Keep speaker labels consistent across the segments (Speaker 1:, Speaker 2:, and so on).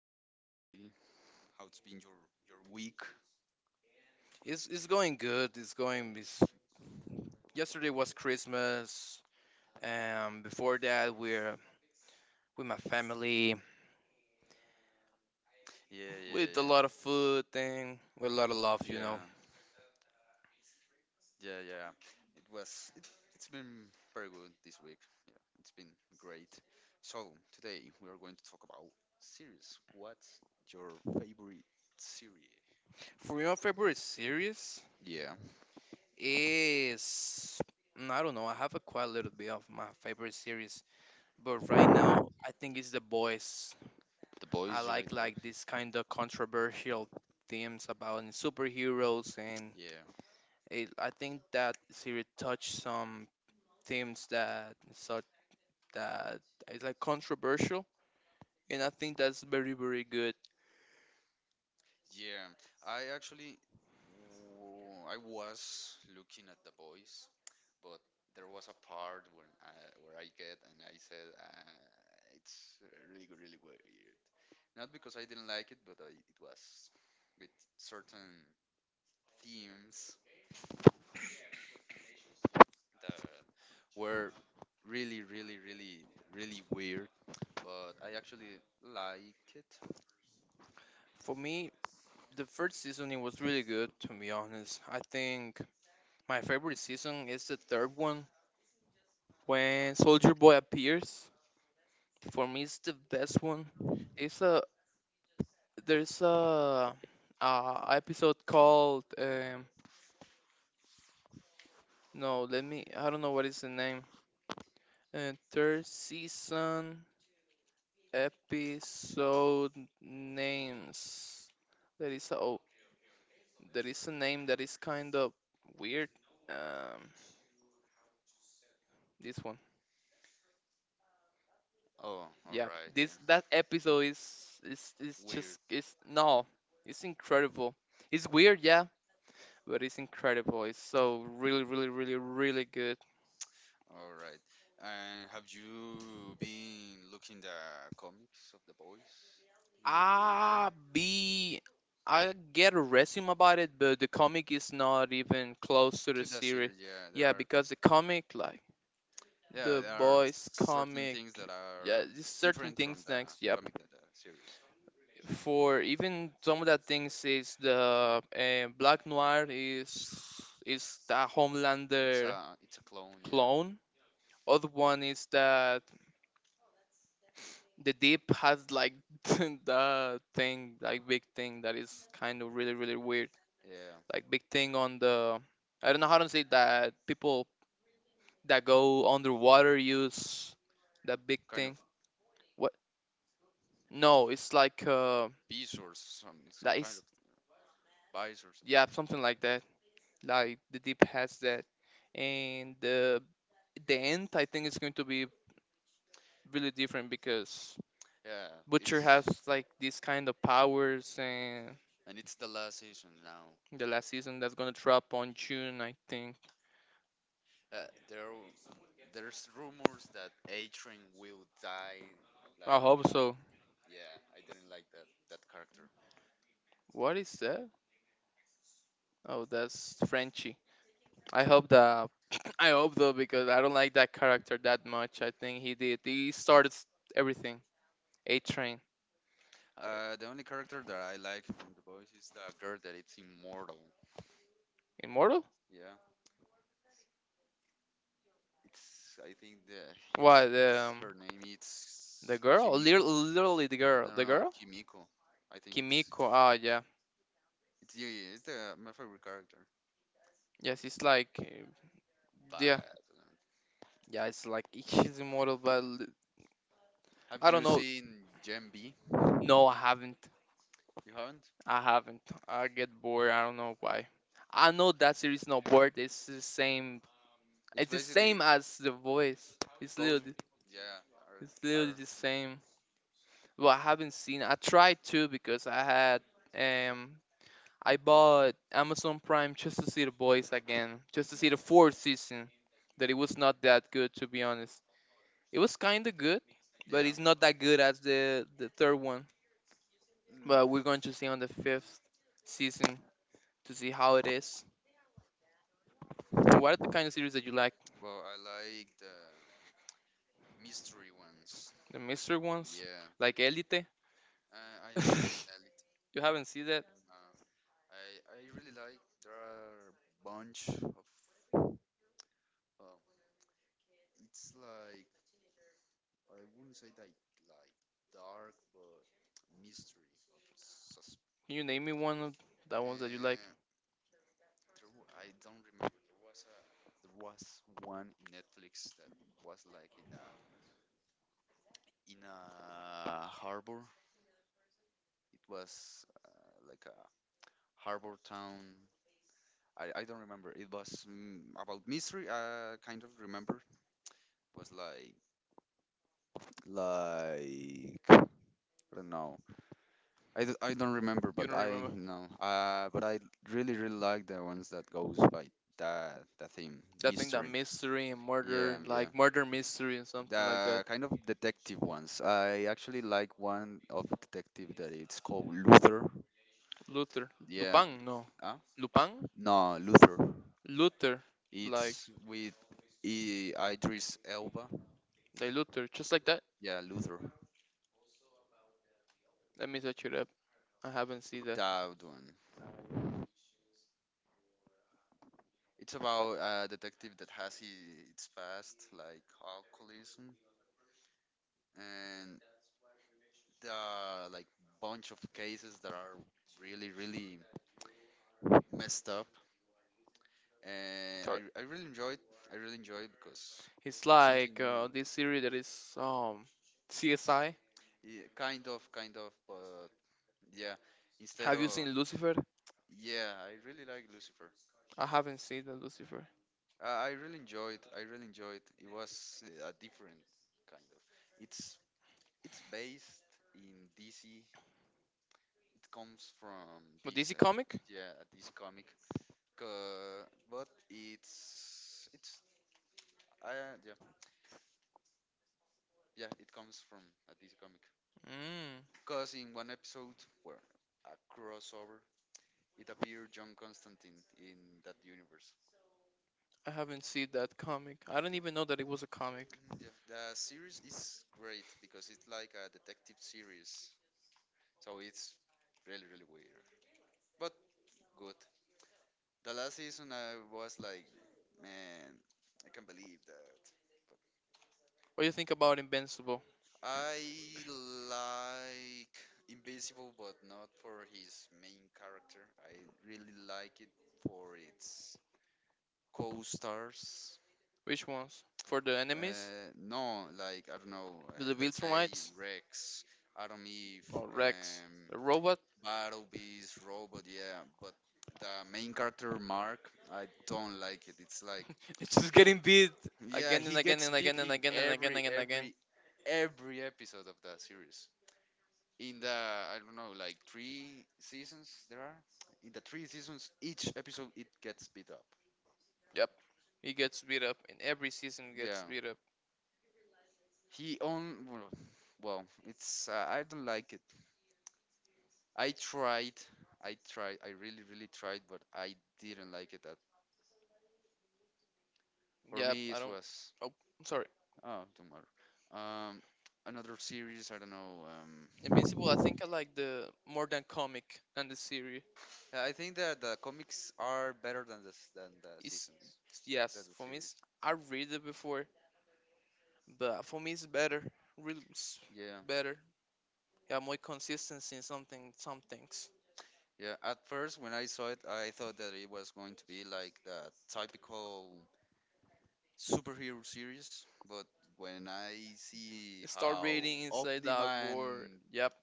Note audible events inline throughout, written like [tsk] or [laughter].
Speaker 1: are
Speaker 2: What
Speaker 1: you,
Speaker 2: up?
Speaker 1: Wesley? How's been your week?
Speaker 2: It's going good. It's going. Yesterday was Christmas, and before that we're with my family,
Speaker 1: Yeah,
Speaker 2: with a
Speaker 1: yeah,
Speaker 2: lot of food thing, with a lot of love,
Speaker 1: yeah.
Speaker 2: you
Speaker 1: Yeah,
Speaker 2: know.
Speaker 1: yeah, yeah. It was. It, it's been very good this week. Yeah, it's been great. So today we are going to talk about series. What's your favorite series?
Speaker 2: For your favorite series
Speaker 1: Yeah.
Speaker 2: is I don't know. I have a quite little bit of my favorite series, but right now I think it's The Boys.
Speaker 1: The
Speaker 2: I
Speaker 1: boys, you like the boys?
Speaker 2: like this kind of controversial themes about superheroes and.
Speaker 1: Yeah,
Speaker 2: It, I think that series touched some themes that such that is like controversial, and I think that's very good.
Speaker 1: yeah. I actually, I was looking at the boys, but there was a part where I get and I said, it's really good, really weird. Not because I didn't like it, but it was with certain themes that were really, really, really, really weird. But I actually like it.
Speaker 2: For me, the first season it was really good to be honest. I think my favorite season is the third one when Soldier Boy appears. For me, it's the best one. It's a There's a episode called no let me I don't know what is the name. Third season episode names. There is a there is a name that is kind of weird. Um, this one.
Speaker 1: Oh, all
Speaker 2: Yeah,
Speaker 1: right, yeah.
Speaker 2: this that episode is
Speaker 1: Weird.
Speaker 2: just it's no, it's incredible. It's weird, yeah, but it's incredible. It's so really, really, really, really good.
Speaker 1: All right. And have you been looking the comics of the boys?
Speaker 2: I be I get a resume about it, but the comic is not even close to the
Speaker 1: To the
Speaker 2: series.
Speaker 1: series, yeah. There
Speaker 2: Yeah,
Speaker 1: are
Speaker 2: because the comic like
Speaker 1: yeah,
Speaker 2: the
Speaker 1: there are
Speaker 2: boys
Speaker 1: certain
Speaker 2: comic
Speaker 1: things that
Speaker 2: yeah
Speaker 1: are
Speaker 2: there's certain
Speaker 1: different from
Speaker 2: things next
Speaker 1: the
Speaker 2: yep
Speaker 1: comic that the series.
Speaker 2: for even some of that things is the black noir is the
Speaker 1: It's
Speaker 2: homelander
Speaker 1: a it's a clone, yeah.
Speaker 2: clone, other one is that the deep has like [laughs] the thing like big thing that is kind of really weird,
Speaker 1: Yeah.
Speaker 2: like big thing on the, I don't know how to say that, people that go underwater use that big
Speaker 1: Kind of
Speaker 2: thing. What? No, it's
Speaker 1: beast or some
Speaker 2: like
Speaker 1: kind of yeah,
Speaker 2: yeah, something like that. Like the deep has that, and the end I think is going to be really different because
Speaker 1: yeah.
Speaker 2: Butcher has like these kind of powers, and
Speaker 1: And it's the last season now.
Speaker 2: the last season that's gonna drop on June I think.
Speaker 1: Uh, there, there's rumors that A-Train will die, like
Speaker 2: I
Speaker 1: in
Speaker 2: hope
Speaker 1: that.
Speaker 2: so.
Speaker 1: Yeah, I didn't like that character.
Speaker 2: What is that? Oh, that's Frenchie. I hope that [coughs] [clears throat] I hope though because I don't like that character that much. I think he did. He started s- everything. A Train,
Speaker 1: The only character that I like from The Boys is the girl that it's immortal.
Speaker 2: immortal.
Speaker 1: Yeah, it's I think the
Speaker 2: What?
Speaker 1: it's her name.
Speaker 2: The
Speaker 1: It's
Speaker 2: girl? Lir-
Speaker 1: Kimiko.
Speaker 2: Literally the girl.
Speaker 1: No, no,
Speaker 2: The
Speaker 1: no,
Speaker 2: girl?
Speaker 1: Kimiko. I think it's
Speaker 2: Kimiko. Ah, yeah.
Speaker 1: it's yeah, yeah, it's the my favorite character.
Speaker 2: Yes, it's like, yeah,
Speaker 1: Badass.
Speaker 2: yeah. It's like [laughs] she's immortal, but l-
Speaker 1: Have
Speaker 2: I don't
Speaker 1: you
Speaker 2: know.
Speaker 1: seen Gen B?
Speaker 2: No, I haven't.
Speaker 1: You haven't?
Speaker 2: I haven't. I get bored. I don't know why. I know that series not bored. It's the same.
Speaker 1: It's
Speaker 2: It's the
Speaker 1: basically
Speaker 2: same as The Voice.
Speaker 1: goes, yeah,
Speaker 2: It's literally the same. But I haven't seen. I tried to because I had um. I bought Amazon Prime just to see The voice again, just to see the fourth season. That it was not that good, to be honest. It was kind of good, but
Speaker 1: yeah.
Speaker 2: it's not that good as the third one.
Speaker 1: Mm,
Speaker 2: But we're going to see on the fifth season to see how it is. And what are the kind of series that you like?
Speaker 1: well, I like the mystery ones.
Speaker 2: The mystery ones,
Speaker 1: Yeah,
Speaker 2: like Elite.
Speaker 1: I haven't seen Elite.
Speaker 2: [laughs] You haven't seen that?
Speaker 1: No, I I really like there are bunch of. Uh, it's like I wouldn't say that like dark, but mystery of
Speaker 2: Can you name me one of the ones that you like?
Speaker 1: uh, I don't remember. There was a there was one in Netflix that was like in a harbor. It was like a harbor town. I don't remember. It was about mystery. I kind of remember. Was like I don't know. I don't remember,
Speaker 2: You
Speaker 1: but
Speaker 2: don't
Speaker 1: I
Speaker 2: remember?
Speaker 1: know. But I really really like the ones that goes by that the theme
Speaker 2: I think that
Speaker 1: mystery.
Speaker 2: mystery and
Speaker 1: Yeah,
Speaker 2: murder,
Speaker 1: yeah.
Speaker 2: like murder mystery and something like that.
Speaker 1: The kind of detective ones. I actually like one of detective that it's called Luther.
Speaker 2: Luther,
Speaker 1: Yeah.
Speaker 2: Lupin, no,
Speaker 1: Huh?
Speaker 2: Lupin,
Speaker 1: No, Luther.
Speaker 2: Luther, like
Speaker 1: It's with Idris Elba.
Speaker 2: like Luther, just like that.
Speaker 1: Yeah, Luther.
Speaker 2: Let me search it up. I haven't seen that.
Speaker 1: That one. It's about a detective that has his, its past, like alcoholism, and the like bunch of cases that are really really messed up, and
Speaker 2: Sorry.
Speaker 1: I really enjoy it. I really enjoy it because
Speaker 2: It's
Speaker 1: something
Speaker 2: like
Speaker 1: new
Speaker 2: this
Speaker 1: it's,
Speaker 2: series that is CSI.
Speaker 1: yeah, kind of but yeah instead
Speaker 2: Have you
Speaker 1: of
Speaker 2: seen Lucifer?
Speaker 1: yeah I really like Lucifer.
Speaker 2: I haven't seen the Lucifer.
Speaker 1: I really enjoyed. I really enjoyed it was a different kind of it's it's based in DC. It comes from
Speaker 2: But
Speaker 1: DC.
Speaker 2: DC comic?
Speaker 1: Yeah this comic. But it's yeah, yeah, it comes from a DC comic
Speaker 2: Mm,
Speaker 1: because in one episode where a crossover it appeared John Constantine in that universe.
Speaker 2: I haven't seen that comic. I don't even know that it was a comic.
Speaker 1: Mhm, yeah the series is great because it's like a detective series so it's really really weird but good. The last season I was like, man, I can't believe that.
Speaker 2: What do you think about Invincible?
Speaker 1: I like Invincible, but not for his main character. I really like it for its co-stars.
Speaker 2: Which ones? For the enemies?
Speaker 1: No, like I don't know.
Speaker 2: The
Speaker 1: Let's say
Speaker 2: Viltrumites?
Speaker 1: Rex, Adam Eve,
Speaker 2: Or Rex? The robot? [laughs]
Speaker 1: Battle Beast, Robot. Yeah, but the main character Mark, I don't like it. It's like
Speaker 2: It's just getting beat
Speaker 1: yeah,
Speaker 2: again
Speaker 1: he
Speaker 2: and again
Speaker 1: gets
Speaker 2: and
Speaker 1: beat
Speaker 2: again
Speaker 1: in
Speaker 2: and again and
Speaker 1: every
Speaker 2: again and
Speaker 1: every
Speaker 2: again.
Speaker 1: every episode of that series. In the I don't know, like three seasons there are. In the three seasons, each episode it gets beat up.
Speaker 2: Yep. He gets beat up. In every season, he
Speaker 1: Yeah,
Speaker 2: gets beat up.
Speaker 1: he own. Well, it's I don't like it. I tried, I tried, I really really tried, but I didn't like it. That for
Speaker 2: Yep.
Speaker 1: me it
Speaker 2: I don't.
Speaker 1: was.
Speaker 2: Oh, I'm sorry.
Speaker 1: Oh, don't matter. Um, another series. I don't know.
Speaker 2: Invincible, I think I like the more than comic than the series.
Speaker 1: Yeah, I think that the comics are better than than the
Speaker 2: It's
Speaker 1: seasons, than
Speaker 2: Yes,
Speaker 1: the
Speaker 2: for me,
Speaker 1: series.
Speaker 2: it's, I read it before, but for me, it's better. Really, it's
Speaker 1: Yeah,
Speaker 2: better. Yeah, more consistency in something, some things.
Speaker 1: Yeah, at first when I saw it, I thought that it was going to be like the typical superhero series, but when I see
Speaker 2: Start
Speaker 1: how
Speaker 2: reading Inside Out,
Speaker 1: Omniman
Speaker 2: Gore. Yep,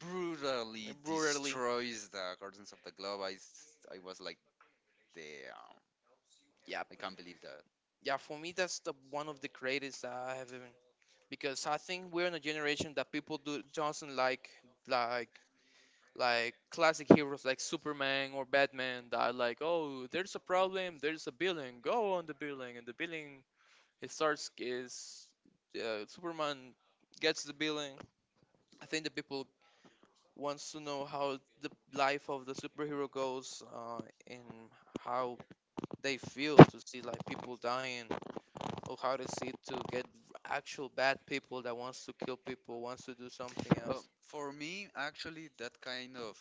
Speaker 1: brutally
Speaker 2: brutally.
Speaker 1: destroys the gardens of the globe. I was like, damn,
Speaker 2: Yep,
Speaker 1: I can't believe that.
Speaker 2: yeah. For me, that's the one of the greatest I have even because I think we're in a generation that people do doesn't like like classic heroes like Superman or Batman that are like, oh, there's a problem, there's a building, go on the building, and the building it starts is Superman gets the building. I think the people wants to know how the life of the superhero goes and how they feel to see like people dying, or how to see to get actual bad people that wants to kill people wants to do something
Speaker 1: But
Speaker 2: else.
Speaker 1: for me, actually, that kind of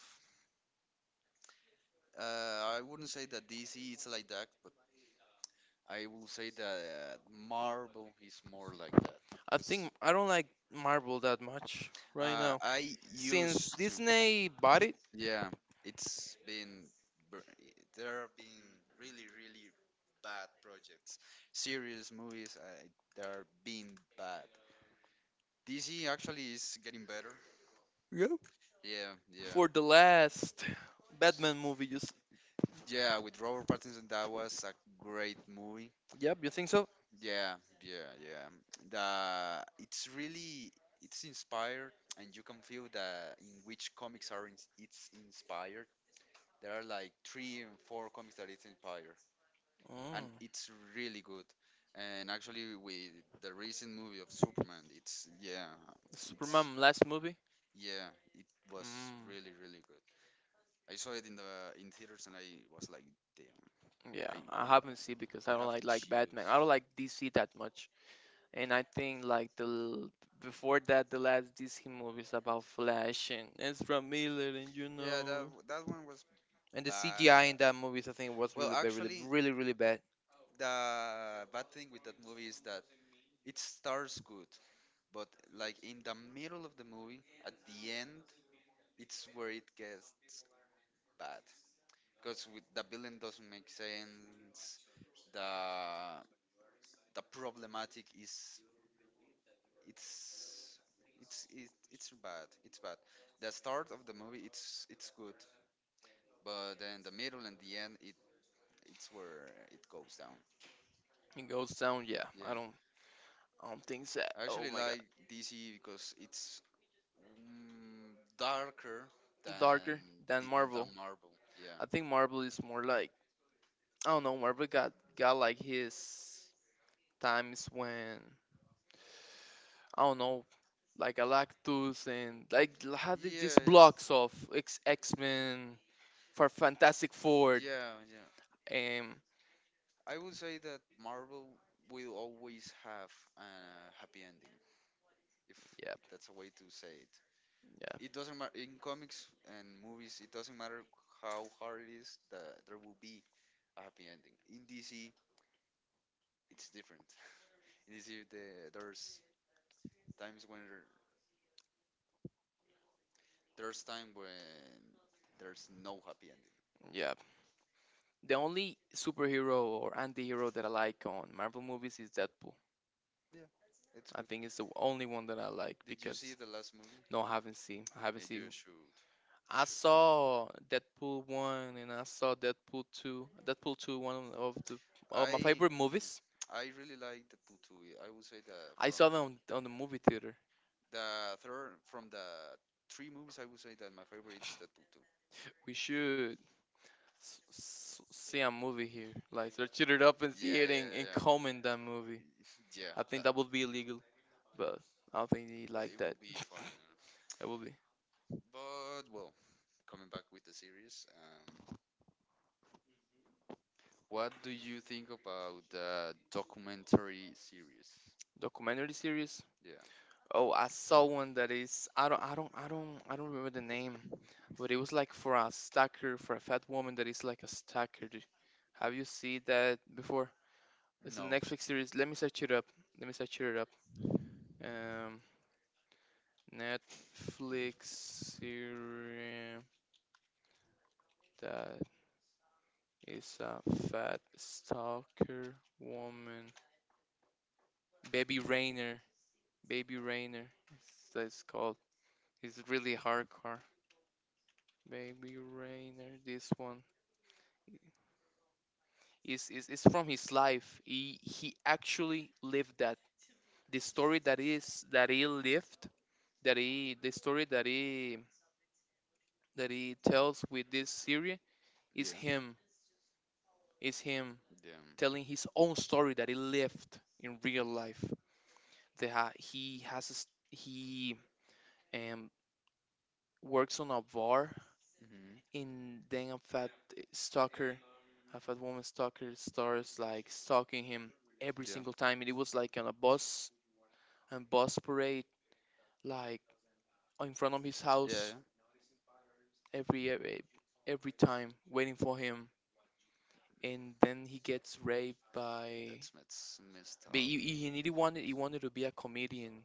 Speaker 1: I wouldn't say that DC is like that, but I will say that Marvel is more like that.
Speaker 2: I think I don't like Marvel that much right now.
Speaker 1: I
Speaker 2: Since
Speaker 1: used to.
Speaker 2: Disney bought it,
Speaker 1: Yeah, it's been br- there have been really really bad projects, serious movies that are being bad. DC actually is getting better.
Speaker 2: yeah,
Speaker 1: Yeah, yeah,
Speaker 2: for the last Batman movie, you s-
Speaker 1: yeah. With Robert Pattinson, that was a great movie.
Speaker 2: yep, you think so?
Speaker 1: Yeah, yeah, yeah. The it's really it's inspired, and you can feel that in which comics are in, it's inspired. There are like three and four comics that it's inspired, and
Speaker 2: Mm.
Speaker 1: it's really good. And actually, with the recent movie of Superman, it's
Speaker 2: Superman last movie?
Speaker 1: yeah, it was
Speaker 2: Mm.
Speaker 1: really really good. I saw it in the in theaters, and I was like, damn,
Speaker 2: Yeah, I haven't seen because I
Speaker 1: I
Speaker 2: don't
Speaker 1: have
Speaker 2: like
Speaker 1: chills.
Speaker 2: Batman. I don't like DC that much, and I think like the l- before that the last DC movies about Flash and Ezra Miller and you
Speaker 1: Yeah, that
Speaker 2: know
Speaker 1: that one was
Speaker 2: and the
Speaker 1: bad.
Speaker 2: CGI in that movies I think was
Speaker 1: Well,
Speaker 2: really bad, really
Speaker 1: actually,
Speaker 2: really really bad.
Speaker 1: the bad thing with that movie is that it starts good, but like in the middle of the movie, at the end, it's where it gets bad. Because the villain doesn't make sense. The the problematic is it's it's bad. It's bad. The start of the movie, it's good, but then the middle and the end, it's where it goes down.
Speaker 2: It goes down, yeah. I
Speaker 1: Yeah.
Speaker 2: don't. Things that
Speaker 1: I
Speaker 2: oh
Speaker 1: actually
Speaker 2: my god,
Speaker 1: like DC because it's darker than
Speaker 2: darker than
Speaker 1: the-
Speaker 2: Marvel.
Speaker 1: than Marvel. Yeah.
Speaker 2: I think Marvel is more like I don't know. Marvel got like his times when I don't know, like Galactus and like l- had these
Speaker 1: Yeah,
Speaker 2: blocks of X Men for Fantastic Four.
Speaker 1: yeah, yeah, yeah.
Speaker 2: Um,
Speaker 1: I would say that Marvel will always have a happy ending, if
Speaker 2: yeah,
Speaker 1: that's a way to say it.
Speaker 2: yeah,
Speaker 1: It doesn't matter in comics and movies. It doesn't matter how hard it is that there will be a happy ending. In DC, it's different. [laughs] It is if there's times when there's time when there's no happy ending.
Speaker 2: yeah. The only superhero or anti-hero that I like on Marvel movies is Deadpool.
Speaker 1: Yeah, it's
Speaker 2: I
Speaker 1: good.
Speaker 2: think it's the only one that I like
Speaker 1: Did you see
Speaker 2: because
Speaker 1: the last movie?
Speaker 2: no, I haven't seen. I haven't
Speaker 1: Yeah, you
Speaker 2: seen
Speaker 1: should.
Speaker 2: I saw Deadpool 1 and I saw Deadpool 2. Deadpool 2 one of the of my
Speaker 1: I
Speaker 2: favorite movies.
Speaker 1: I really like the Putui. I would say
Speaker 2: I
Speaker 1: that
Speaker 2: saw them on, the movie theater.
Speaker 1: the third from the three movies, I would say that my favorite is the Putui.
Speaker 2: We should s- s- see a movie here. Like let's shoot it up and see
Speaker 1: Yeah,
Speaker 2: it
Speaker 1: yeah,
Speaker 2: and
Speaker 1: yeah. [laughs]
Speaker 2: comment that movie.
Speaker 1: Yeah,
Speaker 2: I think
Speaker 1: that,
Speaker 2: that would be illegal, but I don't think they
Speaker 1: but
Speaker 2: like
Speaker 1: it
Speaker 2: that.
Speaker 1: will be funny.
Speaker 2: That
Speaker 1: Yeah.
Speaker 2: would be
Speaker 1: But well, coming back with the series, what do you think about the documentary series?
Speaker 2: documentary series.
Speaker 1: Yeah.
Speaker 2: Oh, I saw one that is I don't remember the name. But it was like for a stalker, for a fat woman that is like a stalker. Do- Have you seen that before? It's a
Speaker 1: No.
Speaker 2: Netflix series. Let me search it up. Let me search it up. Um, Netflix series that is a fat stalker woman. Baby Rainer. Baby Rainer. It's, that's called. It's really hardcore. Baby Rainer. This one is from his life. He actually lived that the story that is that he lived that he the story that he tells with this series is
Speaker 1: Yeah.
Speaker 2: him is him
Speaker 1: Yeah.
Speaker 2: telling his own story that he lived in real life, they ha- he has a s he um works on a bar,
Speaker 1: Hmm.
Speaker 2: and then a fat stalker, a fat woman stalker starts like stalking him every
Speaker 1: Yeah.
Speaker 2: single time, and it was like on a bus and bus parade like in front of his
Speaker 1: Yeah.
Speaker 2: house,
Speaker 1: Yeah.
Speaker 2: every every time waiting for him, and then he gets raped by,
Speaker 1: That's mess messed
Speaker 2: but
Speaker 1: up.
Speaker 2: he really wanted he wanted to be a comedian,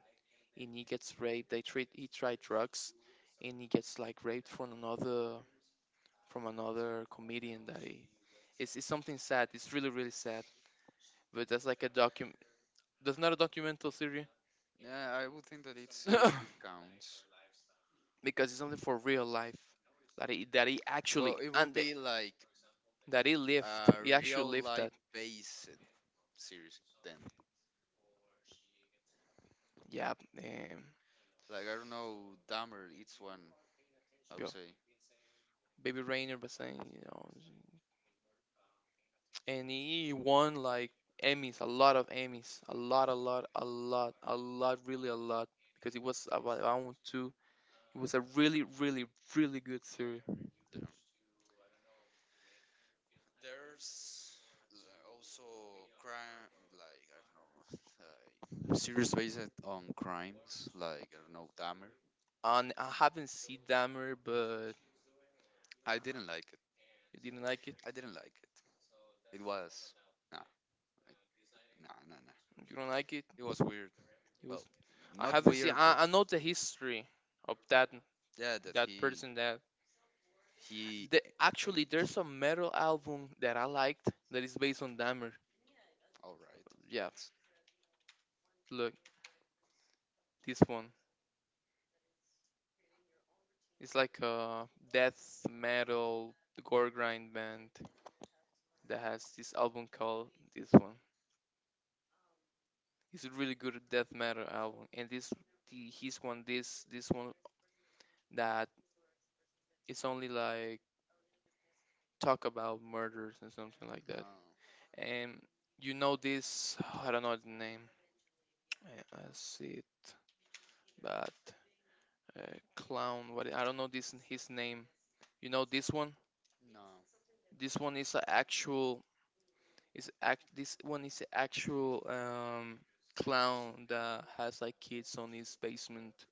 Speaker 2: and he gets raped they treat he tried drugs, and he gets like raped from another comedian that he, it's something sad, it's really really sad, but that's like a document, that's not a documental series [laughs]
Speaker 1: Yeah, I would think that it counts.
Speaker 2: [coughs] because it's something for real life that he actually
Speaker 1: Well, it will
Speaker 2: and the-
Speaker 1: be like
Speaker 2: that he lived
Speaker 1: a
Speaker 2: he actually
Speaker 1: real
Speaker 2: lived that
Speaker 1: life based series then.
Speaker 2: yeah um,
Speaker 1: Like I don't know, Dahmer. It's one I would say.
Speaker 2: Baby Rainer was saying, and he won like Emmys, a lot of Emmys, a lot, a lot, a lot, a lot, really a lot, because it was about I want to. It was a really, really, really good series.
Speaker 1: Damn. There's also crime, like I don't know, [laughs] like series based on crimes, like I don't know, Dahmer.
Speaker 2: And I haven't seen Dahmer, but
Speaker 1: I didn't like it.
Speaker 2: you didn't like it.
Speaker 1: I didn't like it. It was nah, nah, nah, nah.
Speaker 2: You don't like it.
Speaker 1: It was weird.
Speaker 2: It
Speaker 1: Well,
Speaker 2: was. I
Speaker 1: not
Speaker 2: haven't seen.
Speaker 1: weird, but
Speaker 2: I know the history of that
Speaker 1: yeah, that
Speaker 2: that
Speaker 1: he
Speaker 2: person. That the actually
Speaker 1: ate.
Speaker 2: there's a metal album that I liked that is based on Dahmer.
Speaker 1: All right.
Speaker 2: Yeah,
Speaker 1: That's
Speaker 2: look this one. It's like a death metal gore grind band that has this album called this one. It's a really good death metal album, and this the his one this this one that it's only like talk about murders and something like that.
Speaker 1: uh,
Speaker 2: And you know this I don't know the name. I see it, but uh, clown. What I don't know this his name. You know this one.
Speaker 1: no.
Speaker 2: This one is an actual, it's act this one is a actual clown that has like kids on his basement.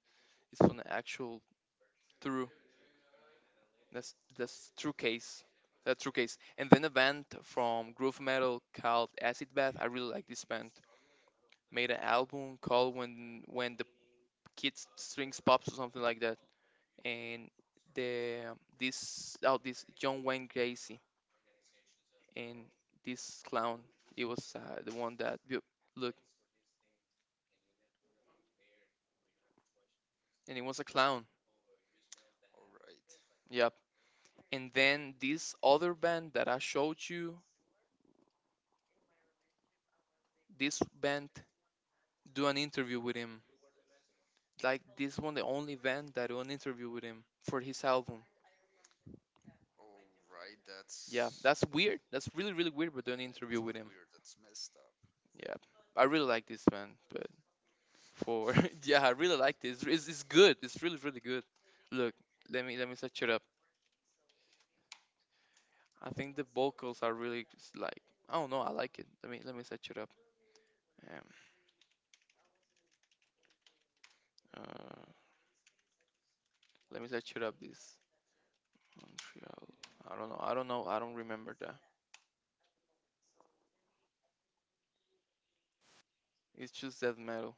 Speaker 2: It's from the actual true, that's true case. That's true case. And then a band from groove metal called Acid Bath. I really like this band. Made an album called When the Kids Strings Pops or something like that. And the this oh this John Wayne Gacy and this clown. It was the one that look and it was a clown.
Speaker 1: All right.
Speaker 2: Yeah. And then this other band that I showed you, this band do an interview with him. Like this one, the only band that do an interview with him for his album.
Speaker 1: All right. That's
Speaker 2: Yeah, that's
Speaker 1: yeah,
Speaker 2: weird. That's really weird, but do an interview
Speaker 1: it's
Speaker 2: with
Speaker 1: not
Speaker 2: him.
Speaker 1: weird. That's messed up.
Speaker 2: Yeah, I really like this band, but for [laughs] yeah, I really like this. It's good. It's really good. Look, let me set it up. I think the vocals are really s- like I don't know. I like it. Let me set it up. Um, uh, let me set it up. This Montreal. I don't know. I don't know. I don't remember that. It's just death metal.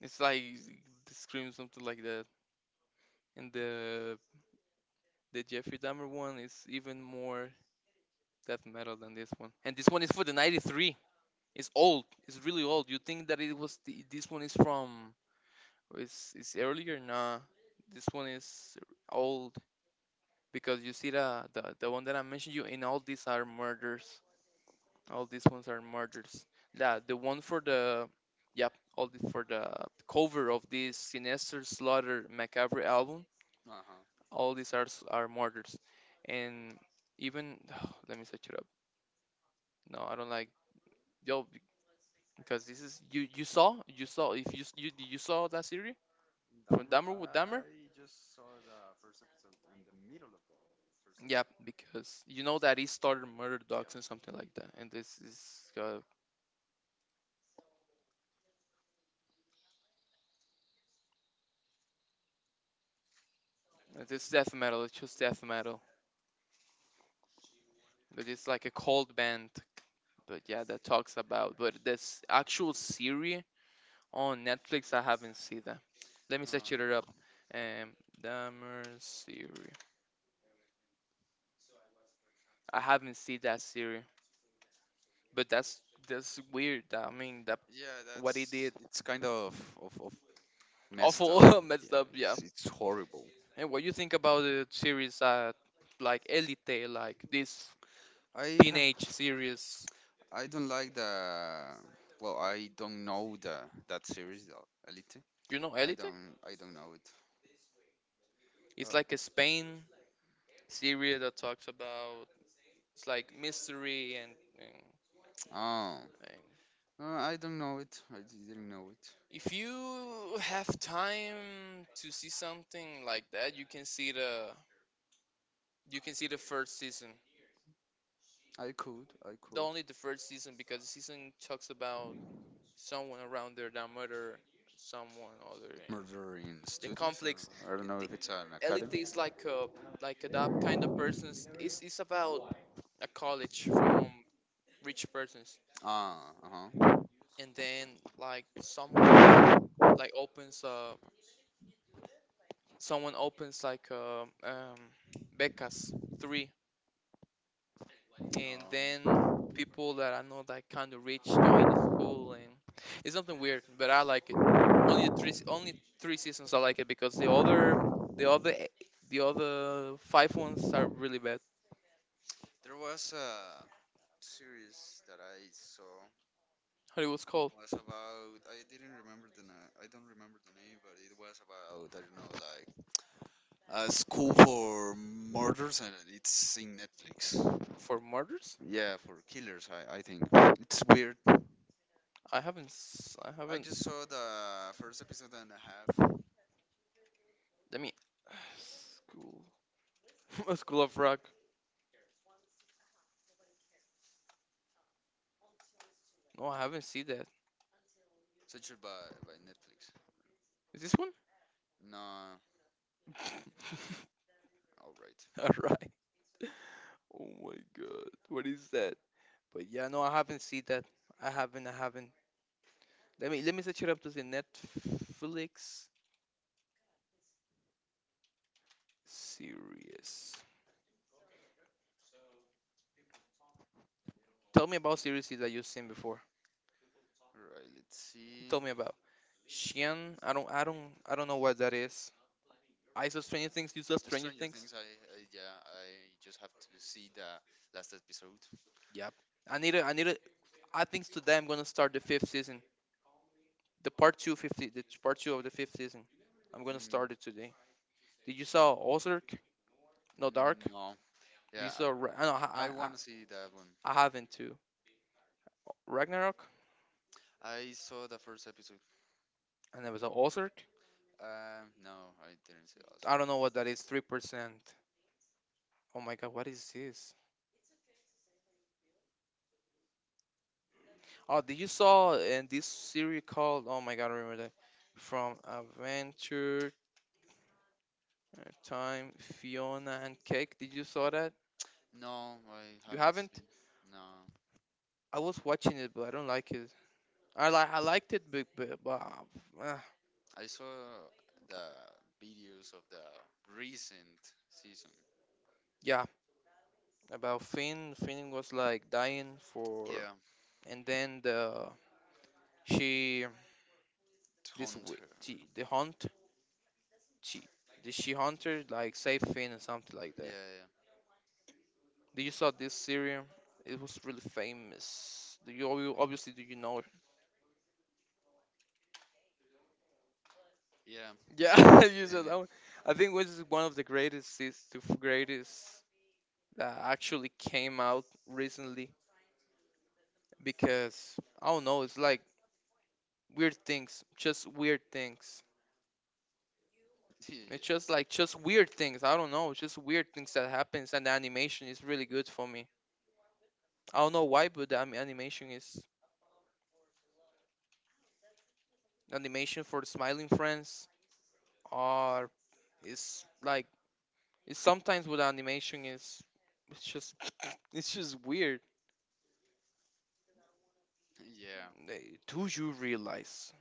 Speaker 2: It's like the scream something like that. And the Jeffrey Dahmer one is even more death metal than this one. And this one is for the '93. It's old. It's really old. You think that it was this one is from? It's earlier. Nah, this one is old because you see the one that I mentioned you in all these are murders. All these ones are murders. Yeah, the one for the yep, all the for the cover of this Sinister Slaughter Macabre album.
Speaker 1: Uh huh.
Speaker 2: All these are s- are murders, and even [sighs] let me search it up. No, I don't like yo be- because this is you saw you saw if you s- you saw that series from Dahmer with Dahmer.
Speaker 1: Just.
Speaker 2: Yeah, because you know that he started murder dogs and something like that, and this is death metal. It's just death metal. But it's like a cold band, but yeah, that talks about. But this actual series on Netflix, I haven't seen that. Let me search it up.
Speaker 1: Um,
Speaker 2: Um, Dahmer series. I haven't seen that series, but that's weird. I mean, that
Speaker 1: Yeah,
Speaker 2: what he
Speaker 1: that's
Speaker 2: did,
Speaker 1: it's kind of of messed up.
Speaker 2: awful, [laughs] messed up. Yeah.
Speaker 1: It's horrible.
Speaker 2: And what you think about the series, like Elite, like this
Speaker 1: I have
Speaker 2: teenage series?
Speaker 1: I don't like the well I don't know the that series though, Elite.
Speaker 2: You know
Speaker 1: I
Speaker 2: Elite?
Speaker 1: don't know it. Uh,
Speaker 2: It's like a Spain series that talks about it's like mystery and,
Speaker 1: Oh,
Speaker 2: and
Speaker 1: I don't know it. I didn't know it.
Speaker 2: if you have time to see something like that, you can see the you can see the first season.
Speaker 1: I
Speaker 2: The
Speaker 1: could.
Speaker 2: only the first season because the season talks about someone around there that murder someone other and
Speaker 1: Murdering
Speaker 2: the
Speaker 1: students.
Speaker 2: conflicts.
Speaker 1: I don't know
Speaker 2: The,
Speaker 1: if it's an
Speaker 2: Elite
Speaker 1: academy.
Speaker 2: is like a like a that kind of persons. It's about a college from rich persons,
Speaker 1: Ah, uh-huh.
Speaker 2: and then like someone like opens a someone opens like becas three and then
Speaker 1: Um,
Speaker 2: people that I know that kind of rich join the school, and it's something weird but I like it only the three se- only three seasons. I like it because the other e- the other 5 ones are really bad.
Speaker 1: there was a series that I saw
Speaker 2: How it was called
Speaker 1: was about I didn't remember I don't remember the name, but it was about I don't know like a school for murders and it's in Netflix.
Speaker 2: for murders?
Speaker 1: Yeah, for killers. I think it's weird.
Speaker 2: I haven't s- I
Speaker 1: I
Speaker 2: haven't
Speaker 1: just saw the first episode and a half,
Speaker 2: I mean [sighs] school [laughs] school of rock. No, I haven't seen that.
Speaker 1: censored by Netflix.
Speaker 2: Is this one?
Speaker 1: No,
Speaker 2: [laughs]
Speaker 1: all right,
Speaker 2: All right. Oh my god, what is that? But yeah, no, I haven't seen that. I haven't. I haven't. Let me set you up to the Netflix series. Tell me about series that you've seen before.
Speaker 1: all right. Let's see.
Speaker 2: Tell me about Shian? I don't. I don't. I don't know what that is. I saw Stranger Things. You saw Stranger
Speaker 1: Stranger
Speaker 2: Things.
Speaker 1: Things, I yeah, I just have to see the last episode.
Speaker 2: Yep. I need a. I need a. I think today I'm gonna start the fifth season. The part 250. The t- part two of the fifth season. I'm gonna
Speaker 1: Mm,
Speaker 2: start it today. Did you saw Ozark? No Dark.
Speaker 1: mm, no,
Speaker 2: Did you
Speaker 1: yeah,
Speaker 2: saw? Ra- I know.
Speaker 1: I want to see that one.
Speaker 2: I haven't too. Ragnarok.
Speaker 1: I saw the first episode.
Speaker 2: I never saw Ozark.
Speaker 1: No, I didn't see also.
Speaker 2: I don't know what that is. 3%. Oh my god, what is this? Oh, did you saw in this series called? Oh my god, I remember that from Adventure Time, Fiona and Cake. Did you saw that?
Speaker 1: No, I
Speaker 2: You
Speaker 1: haven't
Speaker 2: haven't?
Speaker 1: seen. No,
Speaker 2: I was watching it, but I don't like it. I like I liked it, but,
Speaker 1: I saw the videos of the recent season.
Speaker 2: yeah, about Finn. Finn was like dying for,
Speaker 1: Yeah,
Speaker 2: and then the she this wi-
Speaker 1: Hunter.
Speaker 2: she the hunt she the she hunter like save Finn or something like that.
Speaker 1: Yeah,
Speaker 2: Do you saw this series? It was really famous. Do you obvi- obviously do you know it?
Speaker 1: yeah,
Speaker 2: Yeah,
Speaker 1: yeah.
Speaker 2: [laughs] you saw
Speaker 1: And it,
Speaker 2: that one. I think which is one of the greatest series to f- greatest that actually came out recently because I don't know. It's like weird things, just weird things.
Speaker 1: [laughs]
Speaker 2: It's
Speaker 1: yeah,
Speaker 2: just like just weird things. I don't know, just weird things that happens, and the animation is really good for me. I don't know why, but the anim- animation is animation for Smiling Friends are is like it's sometimes with animation is it's just [clears throat] it's just weird.
Speaker 1: yeah.
Speaker 2: They- Do you realize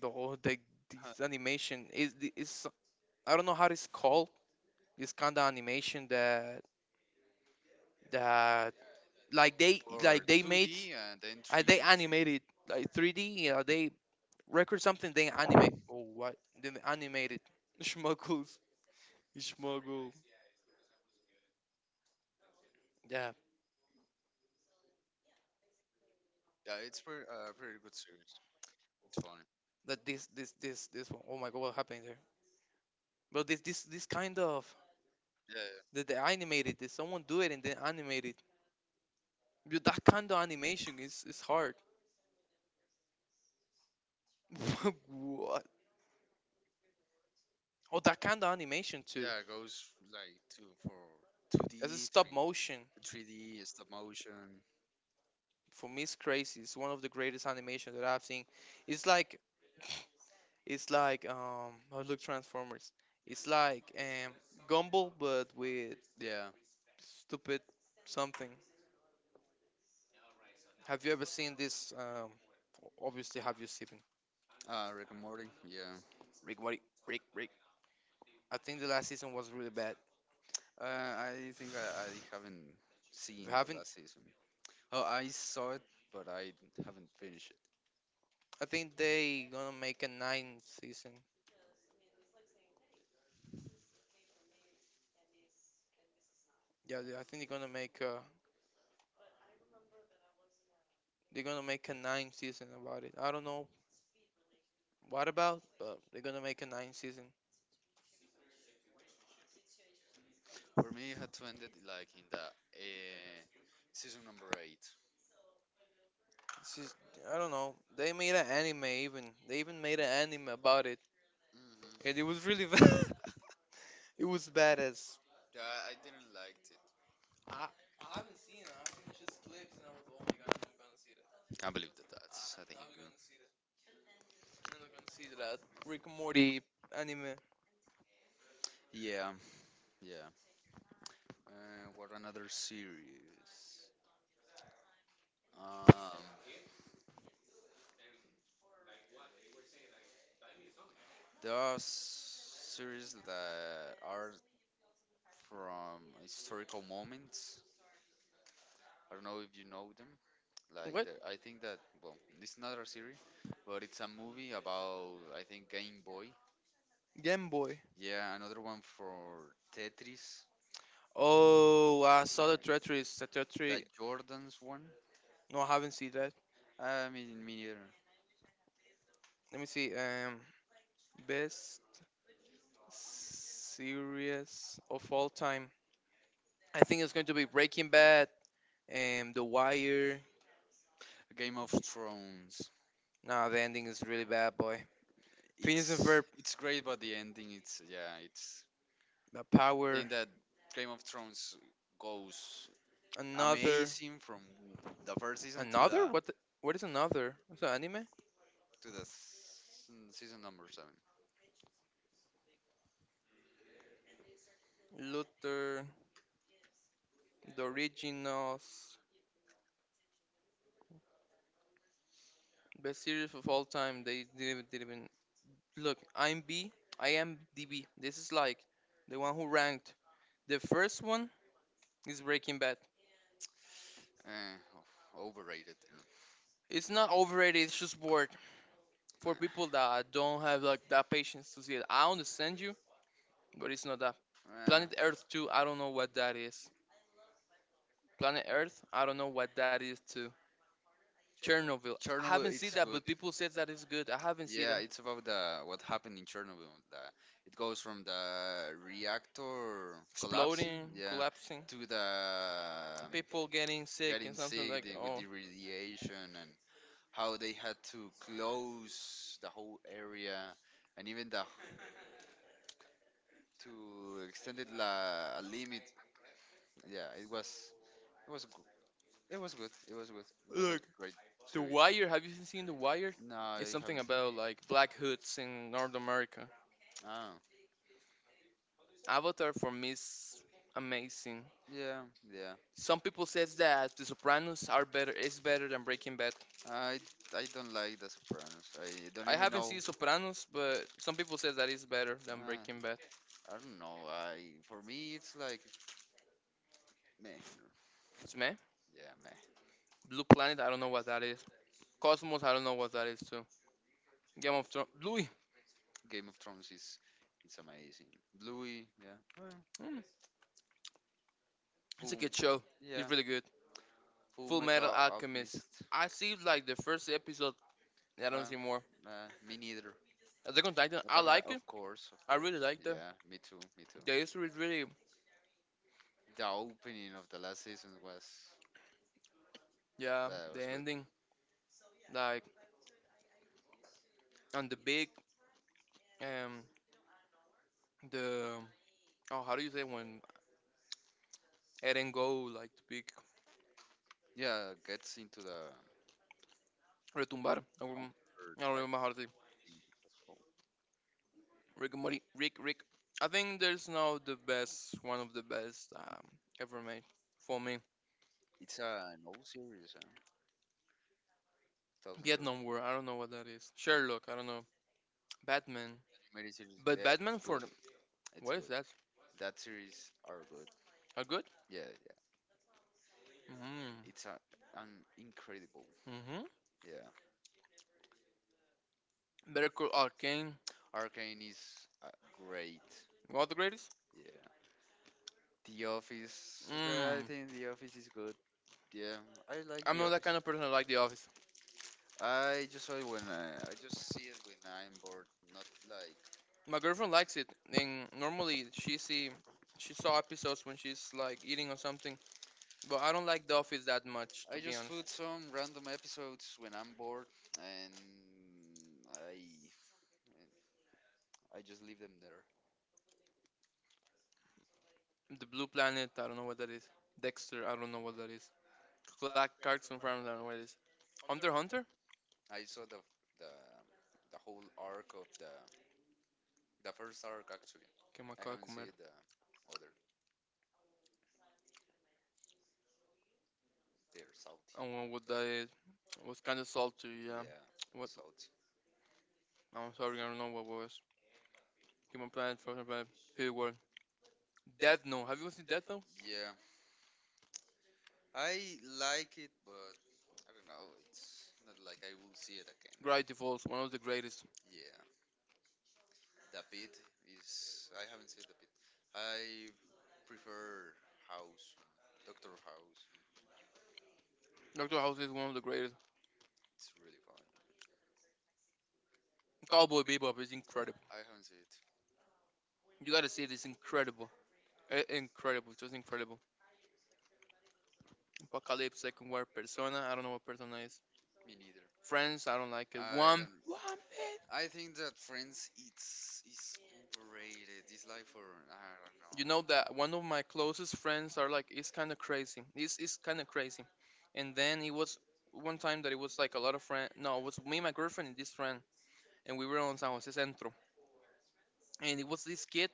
Speaker 2: the whole the,
Speaker 1: Uh,
Speaker 2: this animation is the- is I don't know how it's called. This kind of animation that that
Speaker 1: Or
Speaker 2: like they made
Speaker 1: 2D and then
Speaker 2: they
Speaker 1: 3D.
Speaker 2: animated like 3D. You know they record something they animate. Oh what? Then they animated [laughs] schmuggles schmuggle. Yeah.
Speaker 1: Yeah, it's pretty, pretty good series. It's funny.
Speaker 2: That this one. Oh my god, what happened there? But this kind of
Speaker 1: Yeah,
Speaker 2: that they animated it. Someone do it and then animate it. But that kind of animation is hard. [laughs] what? Oh, that kind of animation too.
Speaker 1: yeah. It goes like two for
Speaker 2: As a
Speaker 1: 2D,
Speaker 2: stop motion,
Speaker 1: 3D, stop motion.
Speaker 2: for me, it's crazy. It's one of the greatest animations that I've seen. It's like it's like oh, look Transformers. It's like Gumball, but with
Speaker 1: Yeah.
Speaker 2: stupid something. Have you ever seen this? Obviously, have you seen
Speaker 1: Rick and Morty. Yeah.
Speaker 2: Rick? What? Rick? Rick? I think the last season was really bad.
Speaker 1: I think I haven't
Speaker 2: If you
Speaker 1: seen the
Speaker 2: haven't,
Speaker 1: last season. Oh, I saw it, but I haven't finished.
Speaker 2: I think they gonna make a nine season. Yeah, they- I think they're gonna make a they're gonna make a nine season about it. I don't know what about, but they're gonna make a nine season.
Speaker 1: For me, it had to end it like in the season number 8. Hmm.
Speaker 2: It's just I don't know. They made an anime even. They even made an anime about it, and it was really [laughs] bad. It was badass.
Speaker 1: Yeah, I didn't like it.
Speaker 2: I I haven't seen it. I think just clips, and I was oh my god, I'm gonna see that.
Speaker 1: Can't believe that
Speaker 2: I-
Speaker 1: that's I
Speaker 2: I'm
Speaker 1: think
Speaker 2: not
Speaker 1: good.
Speaker 2: gonna see that. I'm not gonna see that Rick and Morty anime.
Speaker 1: Yeah, yeah. What another series? Um, there are series that are from historical moments. I don't know if you know them. Like
Speaker 2: What?
Speaker 1: the, I think that well, it's not a series, but it's a movie about I think Game Boy.
Speaker 2: Game Boy.
Speaker 1: Yeah, another one for Tetris.
Speaker 2: Oh, I saw the
Speaker 1: That
Speaker 2: Tetris,
Speaker 1: Jordan's one.
Speaker 2: no, I haven't seen that.
Speaker 1: I mean, me neither.
Speaker 2: Let me see. Best series of all time. I think it's going to be Breaking Bad and The Wire.
Speaker 1: Game of Thrones.
Speaker 2: Nah, the ending is really bad, boy. Phineas and Ferb,
Speaker 1: It's great, but the ending. It's yeah. It's
Speaker 2: The
Speaker 1: I think
Speaker 2: Power,
Speaker 1: that Game of Thrones goes
Speaker 2: Another,
Speaker 1: amazing from the first season
Speaker 2: Another. What? The, what is Another? What's an anime?
Speaker 1: to the season number seven.
Speaker 2: Luther, The Originals, best series of all time. They didn't even look. I'm B. I am DB. This is like the one who ranked. The first one is Breaking Bad.
Speaker 1: Eh, oh, overrated.
Speaker 2: It's not overrated. It's just bored for people that don't have like that patience to see it. I understand you, but it's not that.
Speaker 1: Uh,
Speaker 2: Planet Earth 2, I don't know what that is. Planet Earth, I don't know what that is too. Chernobyl, I
Speaker 1: Chernobyl,
Speaker 2: haven't seen
Speaker 1: it's
Speaker 2: that,
Speaker 1: good.
Speaker 2: but people said that it's good. I haven't seen
Speaker 1: Yeah,
Speaker 2: that.
Speaker 1: it's about the what happened in Chernobyl. It goes from the reactor collapsing,
Speaker 2: Exploding,
Speaker 1: yeah,
Speaker 2: collapsing,
Speaker 1: to the
Speaker 2: people getting sick and
Speaker 1: getting
Speaker 2: something
Speaker 1: sick
Speaker 2: like
Speaker 1: with
Speaker 2: oh,
Speaker 1: the radiation, and how they had to close the whole area and even the to extend it a limit. Yeah, it was g- it was good. It was good. It was a
Speaker 2: look,
Speaker 1: great
Speaker 2: The
Speaker 1: series.
Speaker 2: Wire. Have you seen The Wire?
Speaker 1: No,
Speaker 2: It's
Speaker 1: I
Speaker 2: something
Speaker 1: haven't seen.
Speaker 2: about like black hoods in North America.
Speaker 1: Oh,
Speaker 2: Avatar for me is amazing.
Speaker 1: yeah, yeah.
Speaker 2: Some people says that The Sopranos are better is better than Breaking Bad.
Speaker 1: I I don't like The Sopranos. I don't
Speaker 2: I
Speaker 1: even
Speaker 2: haven't seen
Speaker 1: know.
Speaker 2: Sopranos, but some people says that it's better than
Speaker 1: Uh,
Speaker 2: Breaking Bad.
Speaker 1: I don't know. I For me it's like meh.
Speaker 2: It's me.
Speaker 1: Yeah, meh.
Speaker 2: Blue Planet, I don't know what that is. Cosmos, I don't know what that is too. Game of Thrones, Louis,
Speaker 1: Game of Thrones is it's amazing. Bluey, yeah. Oh, yeah.
Speaker 2: mm, it's a
Speaker 1: Full,
Speaker 2: good show. It's
Speaker 1: yeah.
Speaker 2: really good.
Speaker 1: Full
Speaker 2: Full Metal
Speaker 1: Metal
Speaker 2: Alchemist.
Speaker 1: Alchemist.
Speaker 2: I see like the first episode. I don't see
Speaker 1: Uh,
Speaker 2: more.
Speaker 1: nah, me neither.
Speaker 2: Attack on
Speaker 1: Attack
Speaker 2: Titan,
Speaker 1: on
Speaker 2: I
Speaker 1: Titan,
Speaker 2: like
Speaker 1: of
Speaker 2: it.
Speaker 1: course, of
Speaker 2: I
Speaker 1: course.
Speaker 2: really like that.
Speaker 1: Yeah, me too, me too.
Speaker 2: The history is really,
Speaker 1: The opening of the last season was
Speaker 2: yeah,
Speaker 1: that
Speaker 2: the
Speaker 1: was good.
Speaker 2: ending, like, and the big, um, the, oh, how do you say when Eren go like to big
Speaker 1: Yeah, gets into the
Speaker 2: retumbar.
Speaker 1: Onward,
Speaker 2: I don't
Speaker 1: I
Speaker 2: remember how to say
Speaker 1: think it was called.
Speaker 2: Rick and Morty. Rick, Rick. I think there's now the best, one of the best ever made for me.
Speaker 1: It's a an old series, huh? 2013
Speaker 2: Vietnam War. I don't know what that is. Sherlock. I don't know. Batman.
Speaker 1: mini series.
Speaker 2: But
Speaker 1: Yeah,
Speaker 2: Batman for
Speaker 1: good. It's
Speaker 2: what is
Speaker 1: good.
Speaker 2: that?
Speaker 1: That series are good.
Speaker 2: Are good?
Speaker 1: Yeah, yeah.
Speaker 2: Mm.
Speaker 1: It's an incredible.
Speaker 2: Mhm.
Speaker 1: Yeah.
Speaker 2: Better Call Arcane.
Speaker 1: Arcane is great.
Speaker 2: What the greatest?
Speaker 1: Yeah. The Office. I
Speaker 2: Mm.
Speaker 1: think The Office is good. Yeah, I like
Speaker 2: I'm
Speaker 1: The
Speaker 2: not that kind
Speaker 1: Office.
Speaker 2: of person that like The Office.
Speaker 1: I just saw it when I just see it when I'm bored. Not like
Speaker 2: My girlfriend likes it, and normally she see she saw episodes when she's like eating or something. But I don't like The Office that much, to
Speaker 1: I
Speaker 2: be
Speaker 1: just
Speaker 2: honest.
Speaker 1: put some random episodes when I'm bored, and I just leave them there.
Speaker 2: The Blue Planet, I don't know what that is. Dexter, I don't know what that is. Black Cartoon Farms, I don't know what it is. Hunter x Hunter?
Speaker 1: I saw the the whole arc of the first arc actually.
Speaker 2: Que me
Speaker 1: I
Speaker 2: acabo de
Speaker 1: haven't
Speaker 2: comer.
Speaker 1: seen the other. They're salty.
Speaker 2: I don't know what that is. It was kind of salty, yeah.
Speaker 1: Yeah,
Speaker 2: What?
Speaker 1: salty.
Speaker 2: I'm sorry, I don't know what was. Human Planet, Frozen Planet, Hidden World. Death Note. Have you ever seen Death Note?
Speaker 1: Yeah, I like it, but I don't know. It's not like I will see it again.
Speaker 2: Gravity Falls, one of the greatest.
Speaker 1: Yeah, the pit is. I haven't seen the pit. I prefer House, Doctor House.
Speaker 2: Doctor House is one of the greatest.
Speaker 1: It's really funny.
Speaker 2: Cowboy Bebop is incredible.
Speaker 1: I haven't seen it.
Speaker 2: You gotta see it, it's incredible. Incredible, just incredible. Apocalypse, Second War, Persona. I don't know what Persona is.
Speaker 1: Me neither.
Speaker 2: Friends, I don't like it.
Speaker 1: I
Speaker 2: One,
Speaker 1: don't.
Speaker 2: one
Speaker 1: I
Speaker 2: bit.
Speaker 1: think that Friends it's is overrated. It's like for I don't
Speaker 2: You know that
Speaker 1: know.
Speaker 2: one of my closest friends are like, it's kind of crazy. It's kind of crazy. And then it was one time that it was like a lot of friend. No, it was me, my girlfriend, and this friend, and we were on San Jose Centro, and it was this kid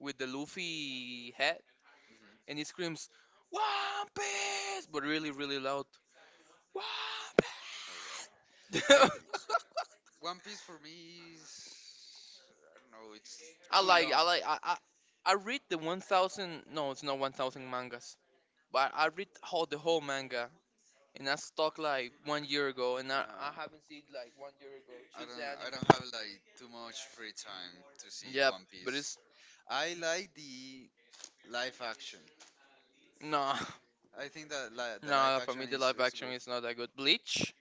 Speaker 2: with the Luffy hat, and he
Speaker 1: Mhm.
Speaker 2: screams, "One Piece!" but really, really loud. One
Speaker 1: All right.
Speaker 2: Piece.
Speaker 1: [laughs] I th-
Speaker 2: [laughs]
Speaker 1: One Piece for me is I don't know. It's
Speaker 2: I
Speaker 1: too
Speaker 2: like, I
Speaker 1: long.
Speaker 2: like, I read the 1,000. No, it's not 1,000 mangas, but I read all the whole manga, and I stuck like 1 year ago, and I haven't seen like 1 year ago.
Speaker 1: I
Speaker 2: Choose the
Speaker 1: don't. I
Speaker 2: anime.
Speaker 1: don't have like too much free time to see
Speaker 2: Yep,
Speaker 1: One
Speaker 2: but it's
Speaker 1: Piece. I like the live action.
Speaker 2: no,
Speaker 1: I think that
Speaker 2: [laughs]
Speaker 1: the live
Speaker 2: no. For me,
Speaker 1: action
Speaker 2: the
Speaker 1: is,
Speaker 2: live
Speaker 1: is
Speaker 2: action
Speaker 1: good.
Speaker 2: is not that good. Bleach,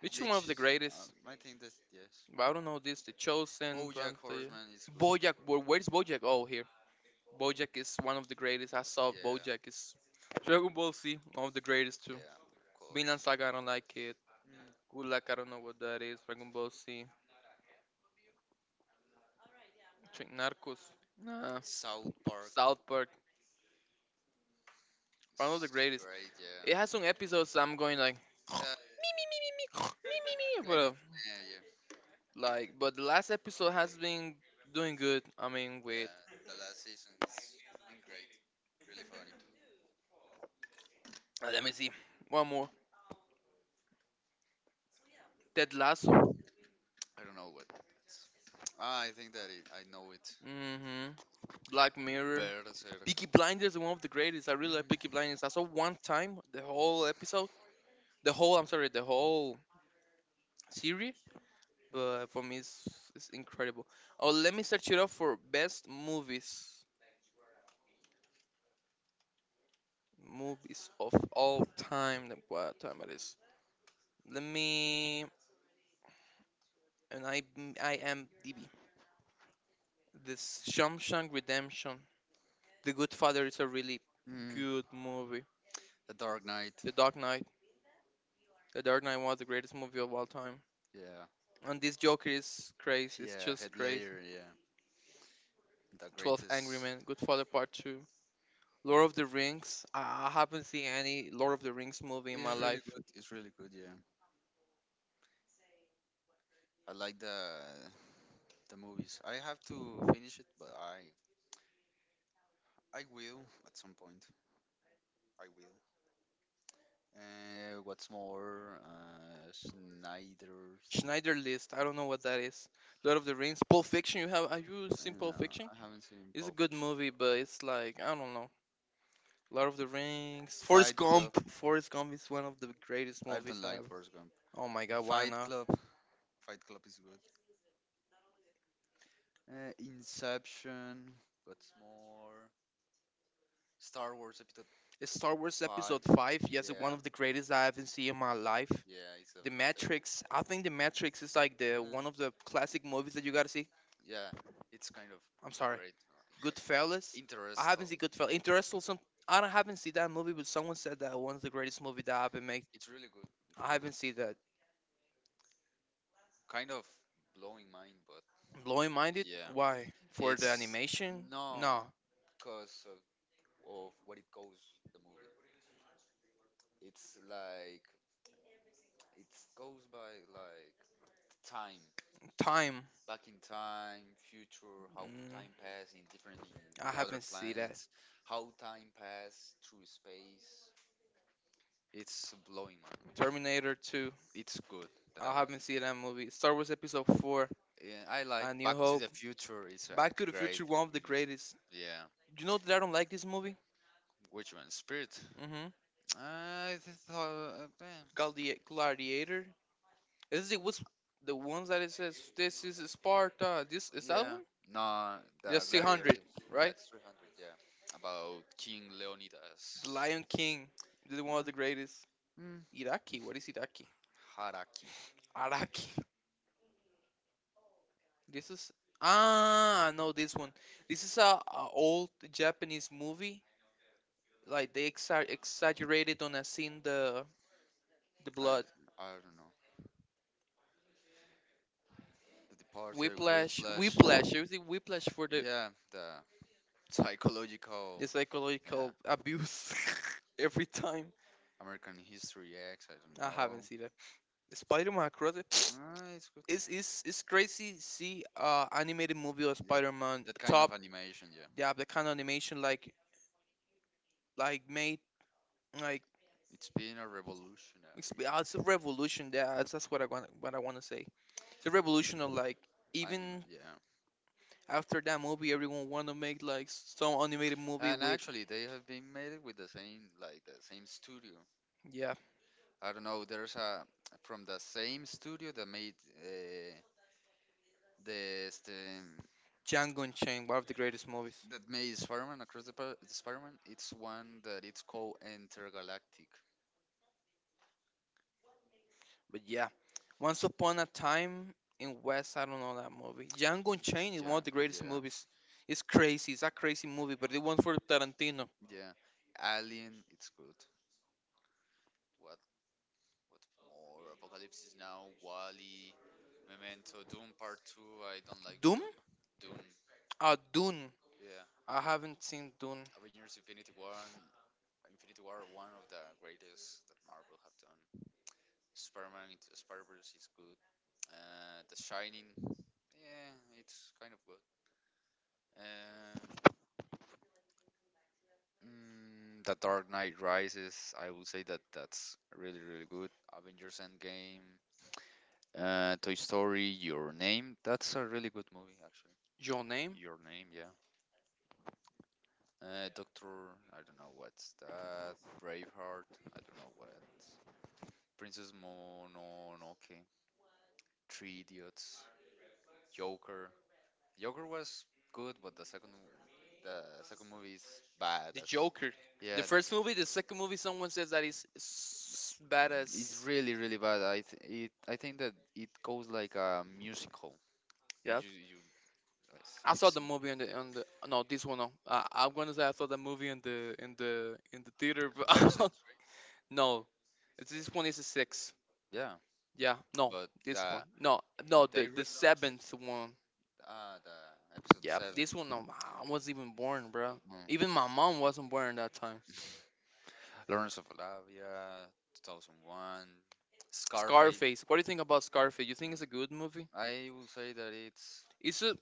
Speaker 2: Bleach is one of the
Speaker 1: Bleach,
Speaker 2: greatest.
Speaker 1: I think that's yes.
Speaker 2: But I don't know this. The Chosen,
Speaker 1: BoJack
Speaker 2: Pantaya.
Speaker 1: Horseman is good.
Speaker 2: BoJack. Where is BoJack? Oh, here. BoJack is one of the greatest. I saw
Speaker 1: Yeah,
Speaker 2: BoJack is Dragon Ball Z, one of the greatest too.
Speaker 1: yeah, of
Speaker 2: Vinland Saga,
Speaker 1: course.
Speaker 2: I don't like it. Good Luck, I don't know what that is. Dragon Ball Z. Narcos. Nah.
Speaker 1: South Park
Speaker 2: South Park. One of the
Speaker 1: is
Speaker 2: greatest.
Speaker 1: great.
Speaker 2: It has some
Speaker 1: Yeah,
Speaker 2: episodes I'm going like [gasps] [laughs]
Speaker 1: uh,
Speaker 2: me me me me me [gasps] [laughs] me me me but
Speaker 1: kind of. Yeah, yeah,
Speaker 2: like but the last episode has been doing good. I mean wait,
Speaker 1: yeah. The last season is been great. Really funny.
Speaker 2: uh, let me see. One more. Ted Lasso.
Speaker 1: I don't know what. It's. Ah, I think that it, I know it.
Speaker 2: Mm-hmm. Black Mirror.
Speaker 1: Berserk.
Speaker 2: Peaky Blinders is one of the greatest. I really like Peaky Blinders. I saw one time the whole episode. The whole I'm sorry, the whole series. But for me, it's incredible. Oh let me search it up for best movies. Movies of all time. Like, what time it is? Let me and I am DB. This Shawshank Redemption, The Good Father is a really
Speaker 1: Mm.
Speaker 2: good movie.
Speaker 1: The Dark Knight.
Speaker 2: The Dark Knight, The Dark Knight was the greatest movie of all time.
Speaker 1: Yeah.
Speaker 2: And this Joker is crazy. It's
Speaker 1: Yeah.
Speaker 2: just
Speaker 1: Head
Speaker 2: crazy.
Speaker 1: layer. Yeah. The
Speaker 2: 12 Angry
Speaker 1: greatest.
Speaker 2: Men, Good Father Part Two, Lord of the Rings. I haven't seen any Lord of the Rings movie in my
Speaker 1: It's really
Speaker 2: life.
Speaker 1: good. It's really good. Yeah. I like the movies. I have to finish it, but I will at some point. I will. What's more, Snyder's.
Speaker 2: Schneider List. I don't know what that is. Lord of the Rings, Pulp Fiction. You have? Have you seen
Speaker 1: And,
Speaker 2: Pulp Fiction?
Speaker 1: I haven't seen
Speaker 2: It's a
Speaker 1: Pulp
Speaker 2: good
Speaker 1: Fiction.
Speaker 2: movie, but it's like I don't know. Lord of the Rings, Forrest
Speaker 1: Fight Club.
Speaker 2: Gump. Forrest Gump is one of the greatest
Speaker 1: I
Speaker 2: movies
Speaker 1: don't like
Speaker 2: I've.
Speaker 1: Forrest Gump.
Speaker 2: Oh my god, why
Speaker 1: Fight
Speaker 2: not?
Speaker 1: Club. Fight Club is good. Inception. What's more? Star Wars Episode
Speaker 2: Star Wars
Speaker 1: Five.
Speaker 2: Episode 5, yes, one
Speaker 1: Yeah.
Speaker 2: of the greatest I haven't seen in my life.
Speaker 1: Yeah, it's a.
Speaker 2: The
Speaker 1: Nah. Yeah, it's kind of great.
Speaker 2: Matrix, I think The Matrix is like the one of the classic movies that you gotta see. I'm sorry.
Speaker 1: It doesn't matter.
Speaker 2: Goodfellas, I
Speaker 1: Interest.
Speaker 2: haven't seen Goodfellas. Interstellar, some, I don't, haven't seen that movie, but someone said that one of the greatest movie that I've been made.
Speaker 1: It's really good.
Speaker 2: I
Speaker 1: Really
Speaker 2: haven't seen
Speaker 1: good.
Speaker 2: that.
Speaker 1: Kind of blowing mind, but
Speaker 2: Blowing Minded,
Speaker 1: yeah.
Speaker 2: why? For the
Speaker 1: It's
Speaker 2: animation?
Speaker 1: no,
Speaker 2: No.
Speaker 1: because of what it goes the movie. It's like it goes by like time,
Speaker 2: Time,
Speaker 1: back in time, future, how
Speaker 2: mm,
Speaker 1: time pass in different
Speaker 2: I
Speaker 1: other
Speaker 2: haven't seen that.
Speaker 1: planets, how time pass through space. It's blowing man.
Speaker 2: Terminator 2.
Speaker 1: It's good. That
Speaker 2: I
Speaker 1: was.
Speaker 2: haven't seen that movie. Star Wars Episode 4,
Speaker 1: Yeah, I like
Speaker 2: A
Speaker 1: Back
Speaker 2: New
Speaker 1: to the
Speaker 2: Hope.
Speaker 1: Future. It's a
Speaker 2: Back to the
Speaker 1: great
Speaker 2: Future, one of the
Speaker 1: movie.
Speaker 2: greatest.
Speaker 1: Yeah.
Speaker 2: You know that I don't like this movie?
Speaker 1: Which one? Spirit?
Speaker 2: Mm-hmm.
Speaker 1: I thought.
Speaker 2: Gladiator. Is it was the ones that it says this is Sparta? This is that
Speaker 1: Yeah.
Speaker 2: one?
Speaker 1: No, the
Speaker 2: That's
Speaker 1: Gladiator.
Speaker 2: 600, right?
Speaker 1: That's 300, yeah. About King
Speaker 2: The
Speaker 1: Leonidas.
Speaker 2: Lion King. This is
Speaker 1: Mm,
Speaker 2: one of the greatest.
Speaker 1: mm,
Speaker 2: Iraqi. What is Iraqi?
Speaker 1: Haraki.
Speaker 2: Araki. This is ah I know this one. This is a old Japanese movie. Like they exaggerated on a scene the
Speaker 1: I,
Speaker 2: blood.
Speaker 1: I don't know. The Departed,
Speaker 2: Whiplash,
Speaker 1: Whiplash.
Speaker 2: whiplash. There was the whiplash for the,
Speaker 1: Yeah, the
Speaker 2: the
Speaker 1: psychological. Yeah.
Speaker 2: psychological abuse [laughs] every time.
Speaker 1: American History X, I don't
Speaker 2: I
Speaker 1: know.
Speaker 2: haven't seen it. Spider-Man Across the
Speaker 1: Ah, it's
Speaker 2: [tsk]
Speaker 1: good. Yeah.
Speaker 2: It's crazy see animated movie of Spider-Man
Speaker 1: That kind of
Speaker 2: top.
Speaker 1: animation, yeah.
Speaker 2: They have the kind of animation like made like
Speaker 1: It's been a revolutionary
Speaker 2: it's a revolution. Yeah, that's what I want to say. It's a revolution of like
Speaker 1: anime,
Speaker 2: even
Speaker 1: yeah.
Speaker 2: after that movie, everyone want to make like some animated movie
Speaker 1: And
Speaker 2: with
Speaker 1: actually, they have been made with the same studio.
Speaker 2: yeah
Speaker 1: I don't know. There's a from the same studio that made the
Speaker 2: Django Unchained, one of the greatest movies.
Speaker 1: that made Spider-Man Across the the Spider-Man. It's one that it's called Intergalactic.
Speaker 2: But yeah, Once Upon a Time in West, I don't know that movie. Django Unchained is
Speaker 1: Yeah,
Speaker 2: one of the greatest
Speaker 1: yeah,
Speaker 2: movies. It's crazy. It's a crazy movie, but it went for Tarantino.
Speaker 1: yeah. Alien, it's good. What? What more? Apocalypse is now. Wally. Memento. Doom Part Two. I don't like Doom.
Speaker 2: Doom?
Speaker 1: Doom.
Speaker 2: Dune.
Speaker 1: Yeah.
Speaker 2: I haven't seen Dune.
Speaker 1: Avengers Infinity War. Infinity War. One of the greatest that Marvel have done. Spider-Man into the Spider-Verse is good. The Shining. Yeah, it's kind of good. Uh, the Dark Knight Rises. I would say that that's really really good. Avengers Endgame. Toy Story. Your Name. That's a really good movie actually.
Speaker 2: Your name?
Speaker 1: Your Name. Yeah. Doctor. I don't know what's that. Braveheart. I don't know what. Princess Mononoke. Three Idiots. Joker. Joker was good, but the second movie is bad.
Speaker 2: The
Speaker 1: As,
Speaker 2: Joker.
Speaker 1: yeah,
Speaker 2: The
Speaker 1: the
Speaker 2: first movie, the second movie, someone says that is bad
Speaker 1: it's
Speaker 2: as.
Speaker 1: really, really bad. I think that it goes like a musical,
Speaker 2: Yeah.
Speaker 1: you it's,
Speaker 2: I saw
Speaker 1: it's
Speaker 2: the movie on the no this one no. I'm gonna say I saw the movie in the theater,
Speaker 1: episode.
Speaker 2: but [laughs] no, it's, this one is a six.
Speaker 1: Yeah,
Speaker 2: Yeah, no,
Speaker 1: but
Speaker 2: this
Speaker 1: the
Speaker 2: one. No, no,
Speaker 1: they
Speaker 2: the
Speaker 1: re
Speaker 2: seventh one.
Speaker 1: the episode
Speaker 2: Yeah,
Speaker 1: seven.
Speaker 2: this one. No, I wasn't even born, bro.
Speaker 1: Mm.
Speaker 2: Even my mom wasn't born that time.
Speaker 1: Lawrence of Arabia, 2001, Scarface.
Speaker 2: Scarface. What do you think about Scarface? You think it's a good movie?
Speaker 1: I would say that it's.
Speaker 2: It's a.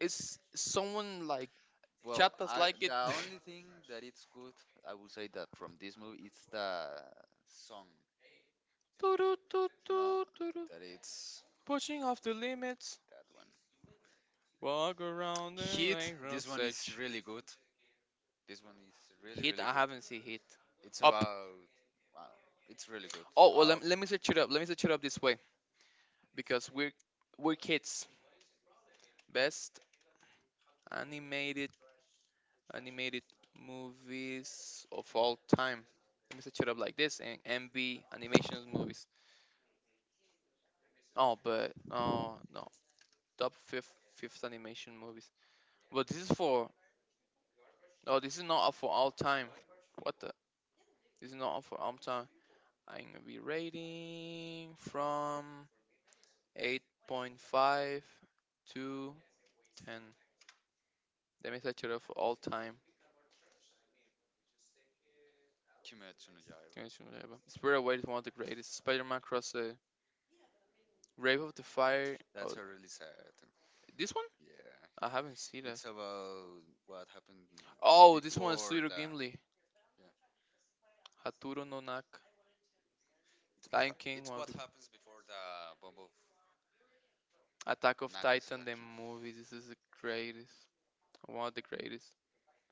Speaker 2: It's someone like
Speaker 1: Well,
Speaker 2: chatas like
Speaker 1: the
Speaker 2: it. [laughs]
Speaker 1: only thing that it's good, I would say that from this movie, it's the song.
Speaker 2: Doo-doo, doo,
Speaker 1: No,
Speaker 2: doo, doo-doo.
Speaker 1: that it's
Speaker 2: Pushing off the limits.
Speaker 1: that one.
Speaker 2: Walk around the
Speaker 1: Heat.
Speaker 2: lake
Speaker 1: This
Speaker 2: road
Speaker 1: one is
Speaker 2: search.
Speaker 1: really good. This one is really really
Speaker 2: Hit. I
Speaker 1: good.
Speaker 2: haven't seen hit.
Speaker 1: It's
Speaker 2: Up.
Speaker 1: about wow. It's really good.
Speaker 2: Oh well.
Speaker 1: Up.
Speaker 2: Let me search it up. Let me search it up this way because we're kids. Best animated animated movies of all time. Let me search it up like this and MB animations movies. Oh, but oh no, top fifth animation movies. But this is for oh, this is not for all time. What the? This is not for all time. I'm gonna be rating from 8.5 to 10. Let me search it up for all time.
Speaker 1: Kimetsu no Yaiba.
Speaker 2: Spirit Away is one of the greatest. Spider-Man Cross the Grave of the Fire.
Speaker 1: That's
Speaker 2: Oh,
Speaker 1: a really sad.
Speaker 2: this one
Speaker 1: Yeah.
Speaker 2: I haven't seen
Speaker 1: It's
Speaker 2: that.
Speaker 1: about what happened
Speaker 2: Oh, this one is
Speaker 1: before
Speaker 2: Little
Speaker 1: the
Speaker 2: Gimli.
Speaker 1: yeah.
Speaker 2: Haturo no Naka.
Speaker 1: It's what
Speaker 2: Lion
Speaker 1: ha-
Speaker 2: King,
Speaker 1: it's
Speaker 2: one
Speaker 1: what
Speaker 2: of the
Speaker 1: happens before the bomb of
Speaker 2: Attack of Titan, the
Speaker 1: Nagasaki.
Speaker 2: movie. This is the greatest. One of the greatest.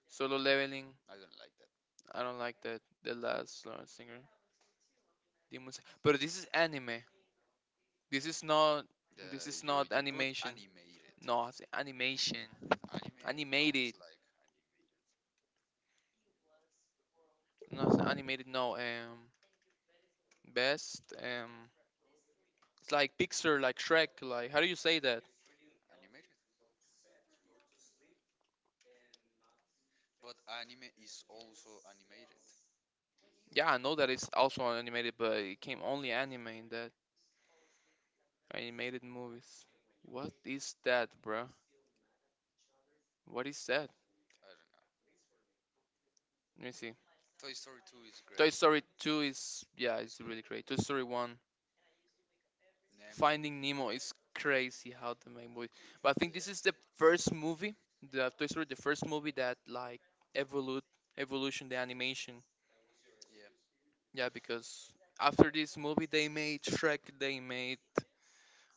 Speaker 2: Solo leveling.
Speaker 1: I don't like that.
Speaker 2: I don't like that. The last Lord Singer. Demon Slayer. But this is anime. This is not this
Speaker 1: The
Speaker 2: is
Speaker 1: you
Speaker 2: not
Speaker 1: you put
Speaker 2: animation.
Speaker 1: animated.
Speaker 2: No, I say animation.
Speaker 1: Anime counts
Speaker 2: Animated.
Speaker 1: like
Speaker 2: Not animated, no. Best it's like Pixar, like Shrek, like how do you say that?
Speaker 1: animated, but anime is also animated.
Speaker 2: Yeah, I know that it's also animated, but it came only anime in that animated movies. What is that, bruh? What is that?
Speaker 1: I don't know.
Speaker 2: Let me see.
Speaker 1: Toy Story 2 is great.
Speaker 2: Toy Story 2 is yeah,
Speaker 1: It's
Speaker 2: it's
Speaker 1: good.
Speaker 2: really great. Toy Story 1,
Speaker 1: Nemo. Yeah,
Speaker 2: Finding Nemo is crazy how they make movie. But I think this is the first movie, the Toy Story, the first movie that like evolute evolution the animation.
Speaker 1: yeah,
Speaker 2: Yeah, because after this movie they made Shrek, they made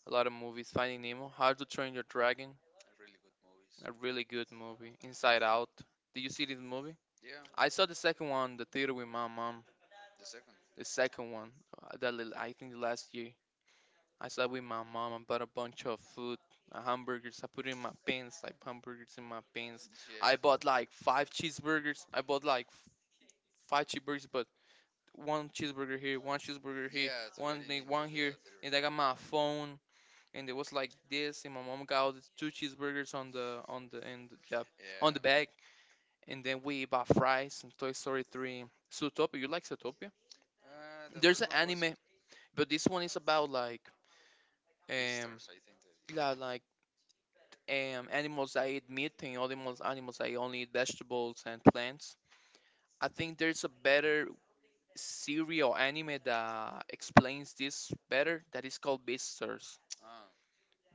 Speaker 2: a lot of movies. Finding Nemo, How to Train Your Dragon,
Speaker 1: really good movies.
Speaker 2: a really good movie. Inside Out. Did you see this movie?
Speaker 1: Yeah,
Speaker 2: I saw the second one, the theater with my mom.
Speaker 1: the second.
Speaker 2: The second one, I think last year. I saw it with my mom. I bought a bunch of food, hamburgers. I put it in my pants, like hamburgers in my pants. I bought
Speaker 1: Yeah.
Speaker 2: like five cheeseburgers. I bought like five cheeseburgers, but one cheeseburger here, one cheeseburger here,
Speaker 1: Yeah, so getting
Speaker 2: one thing,
Speaker 1: into the
Speaker 2: one here.
Speaker 1: theater,
Speaker 2: And I got my
Speaker 1: yeah.
Speaker 2: phone, and it was like this. And my mom got all these two cheeseburgers on the and yeah
Speaker 1: Yeah.
Speaker 2: on the bag and then we bought fries and Toy Story 3. Zootopia, you like Zootopia?
Speaker 1: The first
Speaker 2: There's
Speaker 1: one
Speaker 2: an
Speaker 1: was good.
Speaker 2: anime, but this one is about like
Speaker 1: Beastars,
Speaker 2: um
Speaker 1: I think that.
Speaker 2: yeah, like animals that eat meat and other animals that only eat vegetables and plants. I think there's a better series or anime that explains this better that is called Beastars.
Speaker 1: Ah,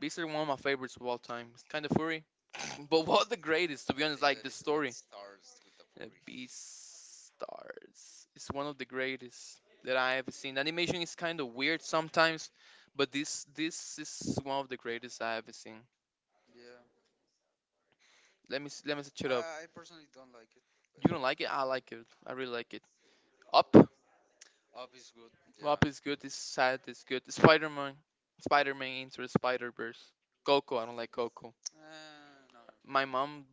Speaker 2: Beastars is one of my favorites of all time. It's kind of furry, but what the greatest, to
Speaker 1: I
Speaker 2: be
Speaker 1: think
Speaker 2: honest,
Speaker 1: that
Speaker 2: like the
Speaker 1: it's what
Speaker 2: story.
Speaker 1: starts with the Fury.
Speaker 2: Beastars is one of the greatest that I have seen. The animation is kind of weird sometimes, but this is one of the greatest I have seen.
Speaker 1: Yeah.
Speaker 2: Let me search it up.
Speaker 1: I personally don't like it, but
Speaker 2: You don't like it? I like it. I really like it. Up,
Speaker 1: Up is good. Yeah.
Speaker 2: Up is good. It's sad It's good. Spider Man, Spider Man into the Spider Verse. Coco, I don't like Coco.
Speaker 1: No,
Speaker 2: My mom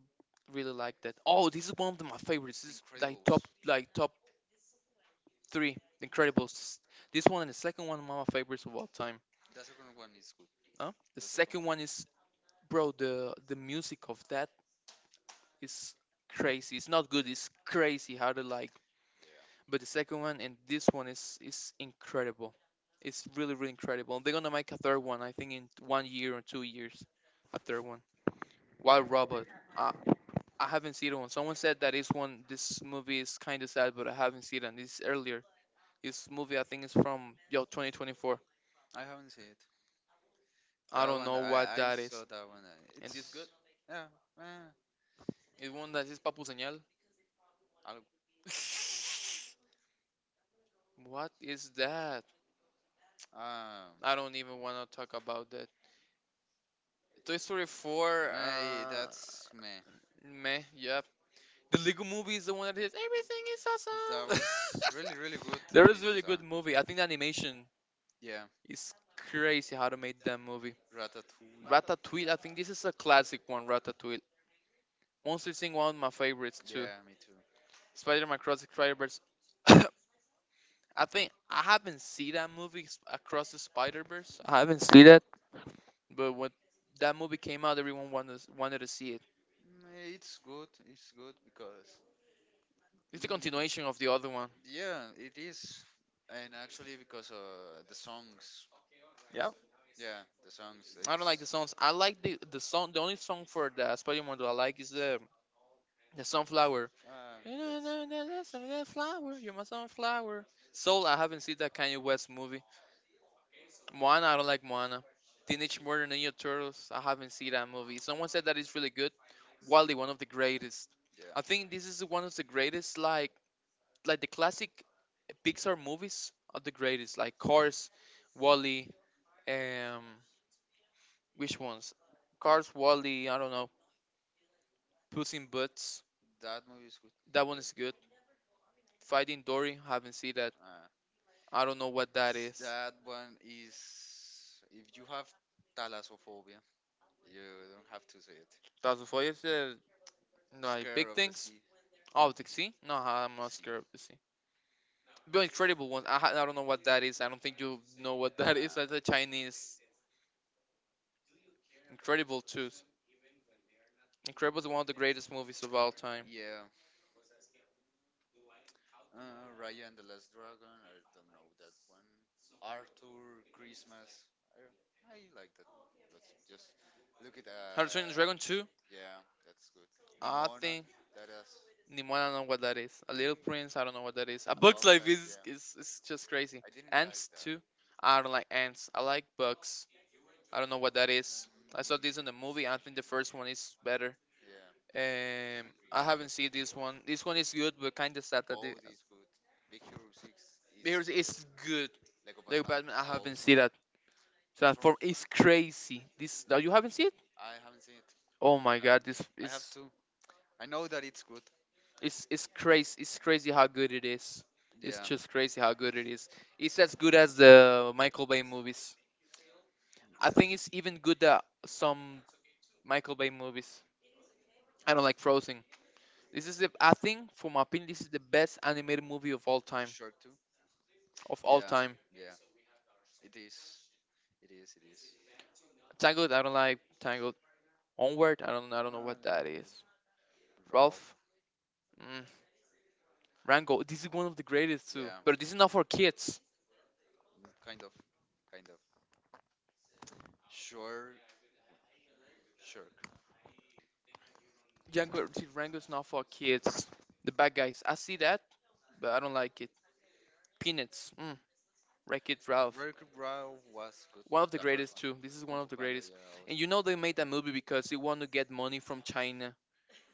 Speaker 2: really liked that. Oh, this is one of my
Speaker 1: The
Speaker 2: favorites. This is
Speaker 1: Incredibles.
Speaker 2: like top Three, The Incredibles. This one and the second one are my favorites of all time.
Speaker 1: The second one is good.
Speaker 2: Huh?
Speaker 1: The
Speaker 2: The
Speaker 1: second.
Speaker 2: second one is, bro, the music of that is crazy. It's not good. It's crazy how to like.
Speaker 1: Yeah.
Speaker 2: But the second one and this one is incredible. It's really really incredible. They're gonna make a third one. I think in 1 year or 2 years, a third one. Wild Robot. I I haven't seen it one. Someone said that this one, this movie is kind of sad, but I haven't seen it. And this is earlier. This movie I think is from yo 2024.
Speaker 1: I haven't seen it. That
Speaker 2: I
Speaker 1: one,
Speaker 2: don't know what
Speaker 1: I
Speaker 2: that
Speaker 1: saw
Speaker 2: is.
Speaker 1: that one.
Speaker 2: And this
Speaker 1: It's.
Speaker 2: good?
Speaker 1: Yeah. Eh.
Speaker 2: It one that is Papu Señal.
Speaker 1: I'll,
Speaker 2: [laughs] What is that?
Speaker 1: um,
Speaker 2: I don't even want to talk about that. Toy Story 4,
Speaker 1: Hey, that's me.
Speaker 2: meh, yep. The Lego movie is the one that is everything is
Speaker 1: That was
Speaker 2: awesome.
Speaker 1: really, really good to
Speaker 2: [laughs] There
Speaker 1: it.
Speaker 2: is
Speaker 1: So.
Speaker 2: really good movie. I think the animation
Speaker 1: Yeah.
Speaker 2: is crazy how to make that movie.
Speaker 1: Ratatouille.
Speaker 2: Ratatouille, I think this is a classic one, Ratatouille. Monster Inc. one of my favorites too.
Speaker 1: Yeah, me too.
Speaker 2: Spider-Man Cross the Spider-Verse [coughs] I think I haven't seen that movie across the Spider Verse. I haven't seen that, but when that movie came out, everyone wanted to see it.
Speaker 1: It's good. It's good because
Speaker 2: It's a
Speaker 1: Mm,
Speaker 2: continuation of the other one.
Speaker 1: yeah, it is, and actually because the songs,
Speaker 2: Yeah,
Speaker 1: yeah, the songs,
Speaker 2: I don't
Speaker 1: it's
Speaker 2: like the songs. I like the song. The only song for the Spider Man that I like is the sunflower.
Speaker 1: uh, that's
Speaker 2: [laughs] Sunflower, you're my sunflower. Soul. I haven't seen that Kanye West movie. Moana, I don't like Moana. Teenage Mutant Ninja Turtles, I haven't seen that movie. Someone said that it's really good. Wally, one of the greatest. I
Speaker 1: yeah,
Speaker 2: think this is one of the greatest, like the classic Pixar movies are the greatest, like Cars, Wally, um, which ones? Cars, Wally, I don't know. Puss in Boots,
Speaker 1: that movie is good.
Speaker 2: that one is good. Fighting Dory, haven't seen that.
Speaker 1: Uh,
Speaker 2: I don't know what that is.
Speaker 1: that one is if you have thalassophobia, you don't have to say it.
Speaker 2: Thousand Fires, like
Speaker 1: Scare of
Speaker 2: big
Speaker 1: the sea,
Speaker 2: things. Oh, the sea? No,
Speaker 1: of the
Speaker 2: I'm not
Speaker 1: sea.
Speaker 2: scared of the sea. The incredible one. I don't know what that is. I don't think you know what that is.
Speaker 1: Uh,
Speaker 2: That's a Chinese Incredible 2. Incredible is one of the greatest movies of all time.
Speaker 1: yeah, Raya and the Last Dragon. I don't know that one. Arthur Christmas. I like that. That's just look at
Speaker 2: How to
Speaker 1: Dungeons
Speaker 2: Train Your Dragon 2?
Speaker 1: yeah, that's good.
Speaker 2: I
Speaker 1: Nimona.
Speaker 2: think
Speaker 1: That is
Speaker 2: Nimona I don't
Speaker 1: that
Speaker 2: know what that is. A Little
Speaker 1: really
Speaker 2: Prince, I don't know what that is.
Speaker 1: a
Speaker 2: A
Speaker 1: book.
Speaker 2: Bug's Life
Speaker 1: Like, yeah,
Speaker 2: is just
Speaker 1: I
Speaker 2: crazy.
Speaker 1: didn't like
Speaker 2: Ants
Speaker 1: that.
Speaker 2: 2? I don't like ants. I like bugs. I don't know what that is.
Speaker 1: Mm,
Speaker 2: I saw
Speaker 1: mm,
Speaker 2: this in the movie. I think the first one is better.
Speaker 1: yeah, I
Speaker 2: Um, I haven't seen this one. This
Speaker 1: World.
Speaker 2: one is good, but kind of sad that
Speaker 1: Bold
Speaker 2: the
Speaker 1: is good. Big Hero Six is
Speaker 2: Mirrors is
Speaker 1: good.
Speaker 2: good.
Speaker 1: Lego
Speaker 2: The
Speaker 1: Batman
Speaker 2: Batman, I
Speaker 1: also.
Speaker 2: haven't seen that.
Speaker 1: Transform.
Speaker 2: Transform is crazy. This now you haven't seen it?
Speaker 1: I haven't seen it.
Speaker 2: Oh my god, this
Speaker 1: I have
Speaker 2: is
Speaker 1: to. I know that it's good.
Speaker 2: it's crazy. It's crazy how good it is.
Speaker 1: Yeah.
Speaker 2: It's just crazy how good it is. It's as good as the Michael Bay movies. I
Speaker 1: Yeah.
Speaker 2: think it's even good that some Michael Bay movies. I don't like Frozen. This is the I think for my opinion, this is the best animated movie of all time.
Speaker 1: Sure too.
Speaker 2: Of all
Speaker 1: Yeah.
Speaker 2: time.
Speaker 1: Yeah. It is. It is. It is.
Speaker 2: Tangled, I don't like Tangled. Onward, I
Speaker 1: No,
Speaker 2: don't I don't
Speaker 1: I
Speaker 2: know
Speaker 1: don't
Speaker 2: what
Speaker 1: know
Speaker 2: that
Speaker 1: what
Speaker 2: is.
Speaker 1: Raw.
Speaker 2: Ralph? Mm. Rango. This is one of the greatest
Speaker 1: Yeah.
Speaker 2: too. But this is not for kids.
Speaker 1: Mm, kind of. Kind of. Sure. Sure.
Speaker 2: Django see, Rango's not for kids. The bad guys. I see that, but I don't like it. Peanuts. Mm. Wreck It Ralph.
Speaker 1: Wreck-It Ralph was good.
Speaker 2: One
Speaker 1: The
Speaker 2: of the
Speaker 1: first one.
Speaker 2: greatest too. This
Speaker 1: Kung
Speaker 2: is
Speaker 1: Fu
Speaker 2: one of the
Speaker 1: Panda. Yeah.
Speaker 2: greatest. And
Speaker 1: I
Speaker 2: you know they made that movie because they want to get money from China,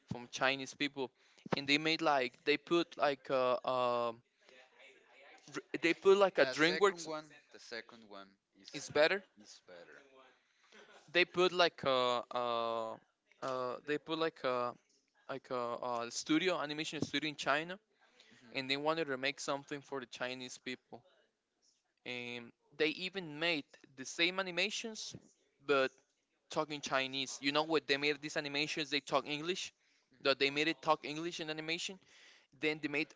Speaker 2: from Chinese people, and they made like they put
Speaker 1: The
Speaker 2: like a
Speaker 1: second
Speaker 2: DreamWorks.
Speaker 1: one, the second one is is
Speaker 2: Is better.
Speaker 1: better. Mhm.
Speaker 2: They put like uh they put like a a studio animation studio in China
Speaker 1: Mhm. I don't like
Speaker 2: and they wanted
Speaker 1: the
Speaker 2: to make something for the Chinese people. And they even made the same animations but talking Chinese. You know what? They made these animations, they talk English. That they made it talk English in animation. Then they made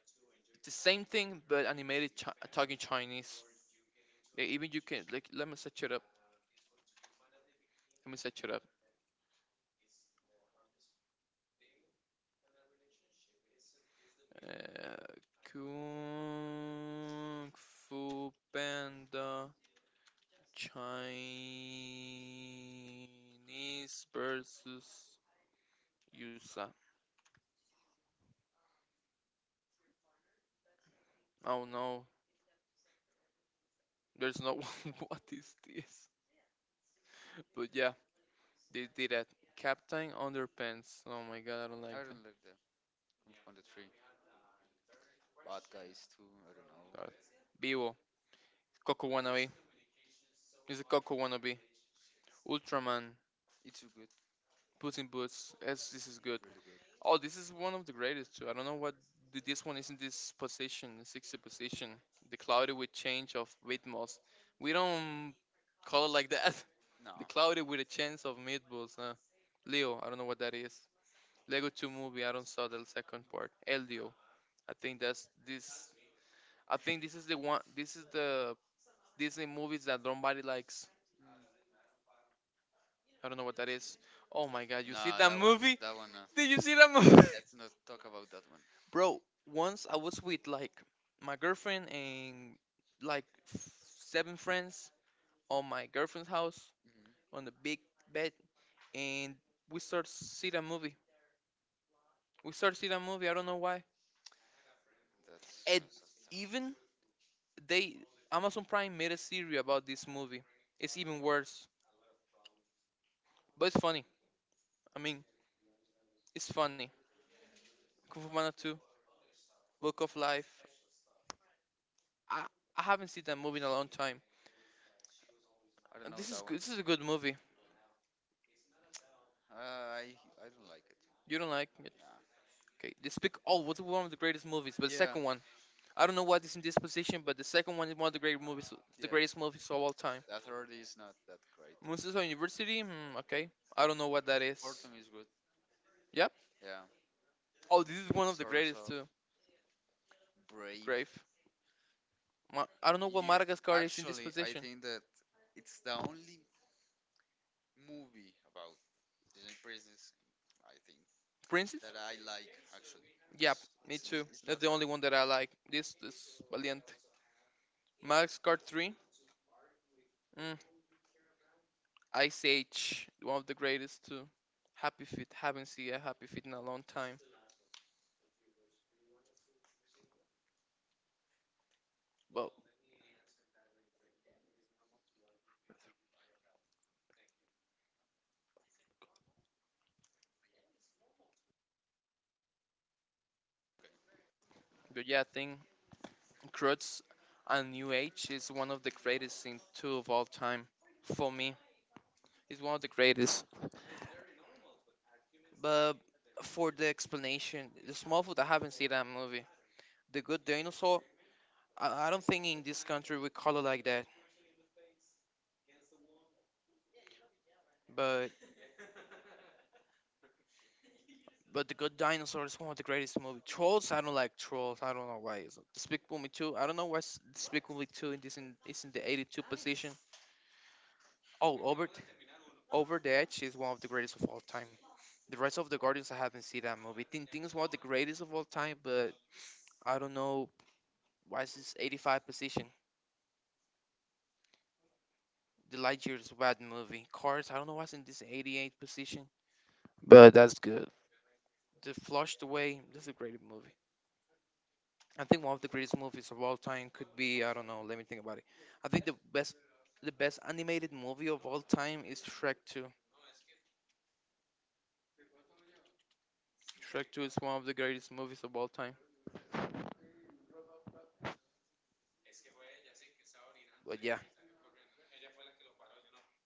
Speaker 2: the same thing but animated talking Chinese. Yeah, even you can like let me set it up. Let me set it up. Uh, Kung Fu Panda Chinese versus Yusa. Oh no, there's no [laughs] one. What is this? But yeah, they did that. Captain Underpants. Oh my god, I don't like that.
Speaker 1: Kung Fu Panda 3. Bad Guys too. I don't know.
Speaker 2: God. Vivo. Coco Wannabe. It's a Coco Wannabe. Ultraman.
Speaker 1: It's too good. Really
Speaker 2: Puss in Boots. Yes, this is good.
Speaker 1: good.
Speaker 2: Oh, this is one of the greatest too. I don't know what this one is in this position, the 60 position. The cloudy with change of meatballs. We don't call it like that. [laughs]
Speaker 1: No.
Speaker 2: The cloudy
Speaker 1: Mm.
Speaker 2: with a chance of meatballs, huh? Leo, I don't know what that is. Lego 2 movie. I don't saw the second part. Eldio. I think that's this. I think this is the one. This is the Disney movies that nobody likes. I don't know what that is. Oh my god! You
Speaker 1: Nah,
Speaker 2: see
Speaker 1: that
Speaker 2: that
Speaker 1: one.
Speaker 2: movie?
Speaker 1: That one. No.
Speaker 2: Did you see that movie?
Speaker 1: Let's not talk about that one.
Speaker 2: [laughs] Bro, once I was with like my girlfriend and like f- seven friends on my girlfriend's house on the big bed,
Speaker 1: Mhm.
Speaker 2: and we start see that movie. We start see that movie. I don't know why.
Speaker 1: That's
Speaker 2: It
Speaker 1: tough.
Speaker 2: even They Amazon Prime made a series about this movie. It's even worse, but it's funny. I mean, it's funny. Kung Fu Panda 2, Book of Life. I, I haven't seen that movie in a long time.
Speaker 1: I don't know
Speaker 2: And
Speaker 1: that one.
Speaker 2: This is a good movie.
Speaker 1: I don't like it.
Speaker 2: You don't like it?
Speaker 1: Nah.
Speaker 2: Okay. They speak. Oh, what's one of the greatest movies? But the
Speaker 1: Yeah,
Speaker 2: second one, I don't know what is in this position, but the second one is one of the great movies,
Speaker 1: yeah.
Speaker 2: the greatest movies of all
Speaker 1: The
Speaker 2: time.
Speaker 1: authority is not that great.
Speaker 2: Museo University. Hmm, okay. I don't know what that
Speaker 1: Fortune
Speaker 2: is.
Speaker 1: is good.
Speaker 2: Yep.
Speaker 1: Yeah.
Speaker 2: Oh, this is one of the
Speaker 1: Source of
Speaker 2: greatest too.
Speaker 1: Brave.
Speaker 2: Grave. I don't know
Speaker 1: You
Speaker 2: what Madagascar is in
Speaker 1: Actually,
Speaker 2: this
Speaker 1: I
Speaker 2: position.
Speaker 1: think that it's the only movie about Disney Princess, I think that
Speaker 2: Princess?
Speaker 1: I like actually because
Speaker 2: Yep,
Speaker 1: it's
Speaker 2: me too.
Speaker 1: it's not
Speaker 2: That's the only one that I
Speaker 1: like
Speaker 2: like. This is Valiente. Max Card 3. Mm, Ice Age. One of the greatest too. Happy Feet. Haven't seen a Happy Feet in a long time. But, but yeah, I think Crutch and New Age is one of the greatest in two of all time. For me, it's one of the greatest. But for the explanation, the small food, I haven't seen that movie. The Good Dinosaur, I don't think in this country we call it like that. But But the Good Dinosaur is one of the greatest movies. Trolls, I don't like Trolls. I don't know why. It's Despicable Me Two. I don't know why Despicable Me Two is in the 82 position. Oh, Over the Edge is one of the greatest of all time. The rest of the Guardians, I haven't seen that movie. Tintin is one of the greatest of all time, but I don't know why it's this 85 position. The Lightyear is a bad movie. Cars, I don't know why it's in this 88 position, but that's good. The Flushed Away, this is a great movie. I think one of the greatest movies of all time could be I don't know. Let me think about it. I think the best animated movie of all time is Shrek 2. Shrek 2 is one of the greatest movies of all time. But yeah,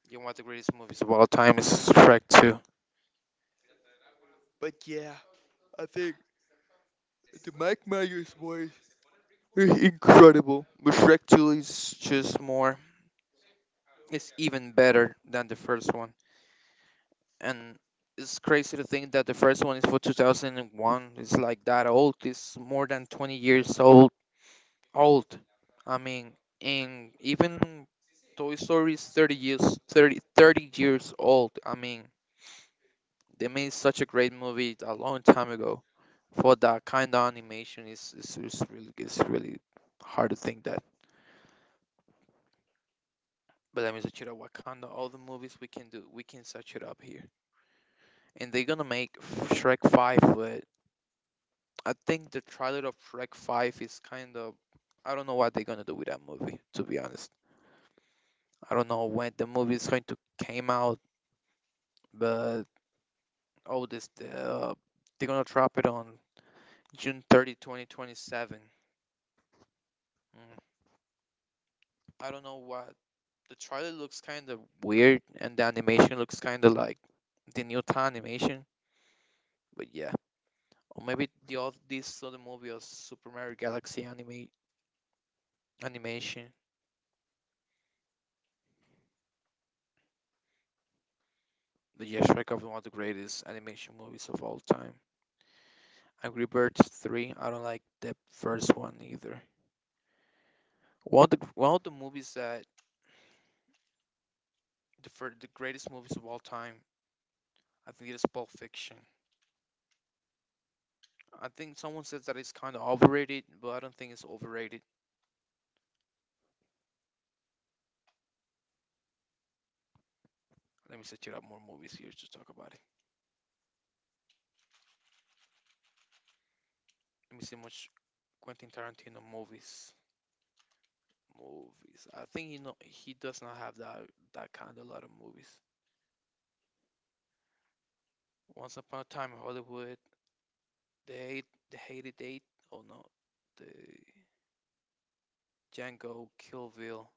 Speaker 2: you want the greatest movies of all time is Shrek 2. But yeah, I think the Mike Myers voice is incredible. But Shrek 2 is just more, it's even better than the first one. And it's crazy to think that the first one is for 2001. It's like that old. It's more than 20 years old. I mean, and even Toy Story is 30 years 30 30 years old. I mean, they made such a great movie a long time ago. For that kind of animation, is really it's really hard to think that. But let me search it up. Wakanda, all the movies we can do, we can search it up here. And they're gonna make Shrek 5, but I think the trailer of Shrek 5 is kind of I don't know what they're gonna do with that movie, to be honest. I don't know when the movie is going to came out. But oh, this they're gonna drop it on June 30, 2027. Mm. I don't know what the trailer looks kind of weird, and the animation looks kind of like the Newton animation. But yeah, or maybe this other movie of Super Mario Galaxy anime animation. But yeah, Shrek is one of the greatest animation movies of all time. Angry Birds 3. I don't like the first one either. One of the movies that the greatest movies of all time. I think it is Pulp Fiction. I think someone says that it's kind of overrated, but I don't think it's overrated. Let me set you up more movies here to talk about it. Let me see much Quentin Tarantino movies. Movies. I think he know he does not have that kind of lot of movies. Once Upon a Time in Hollywood, The Hate, The Hated Eight. Oh no, the Django, Kill Bill.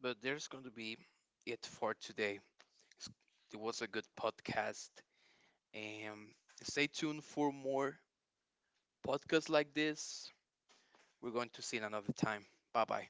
Speaker 2: But there's going to be it for today. It's- It was a good podcast, and stay tuned for more podcasts like this. We're going to see in another time. Bye bye.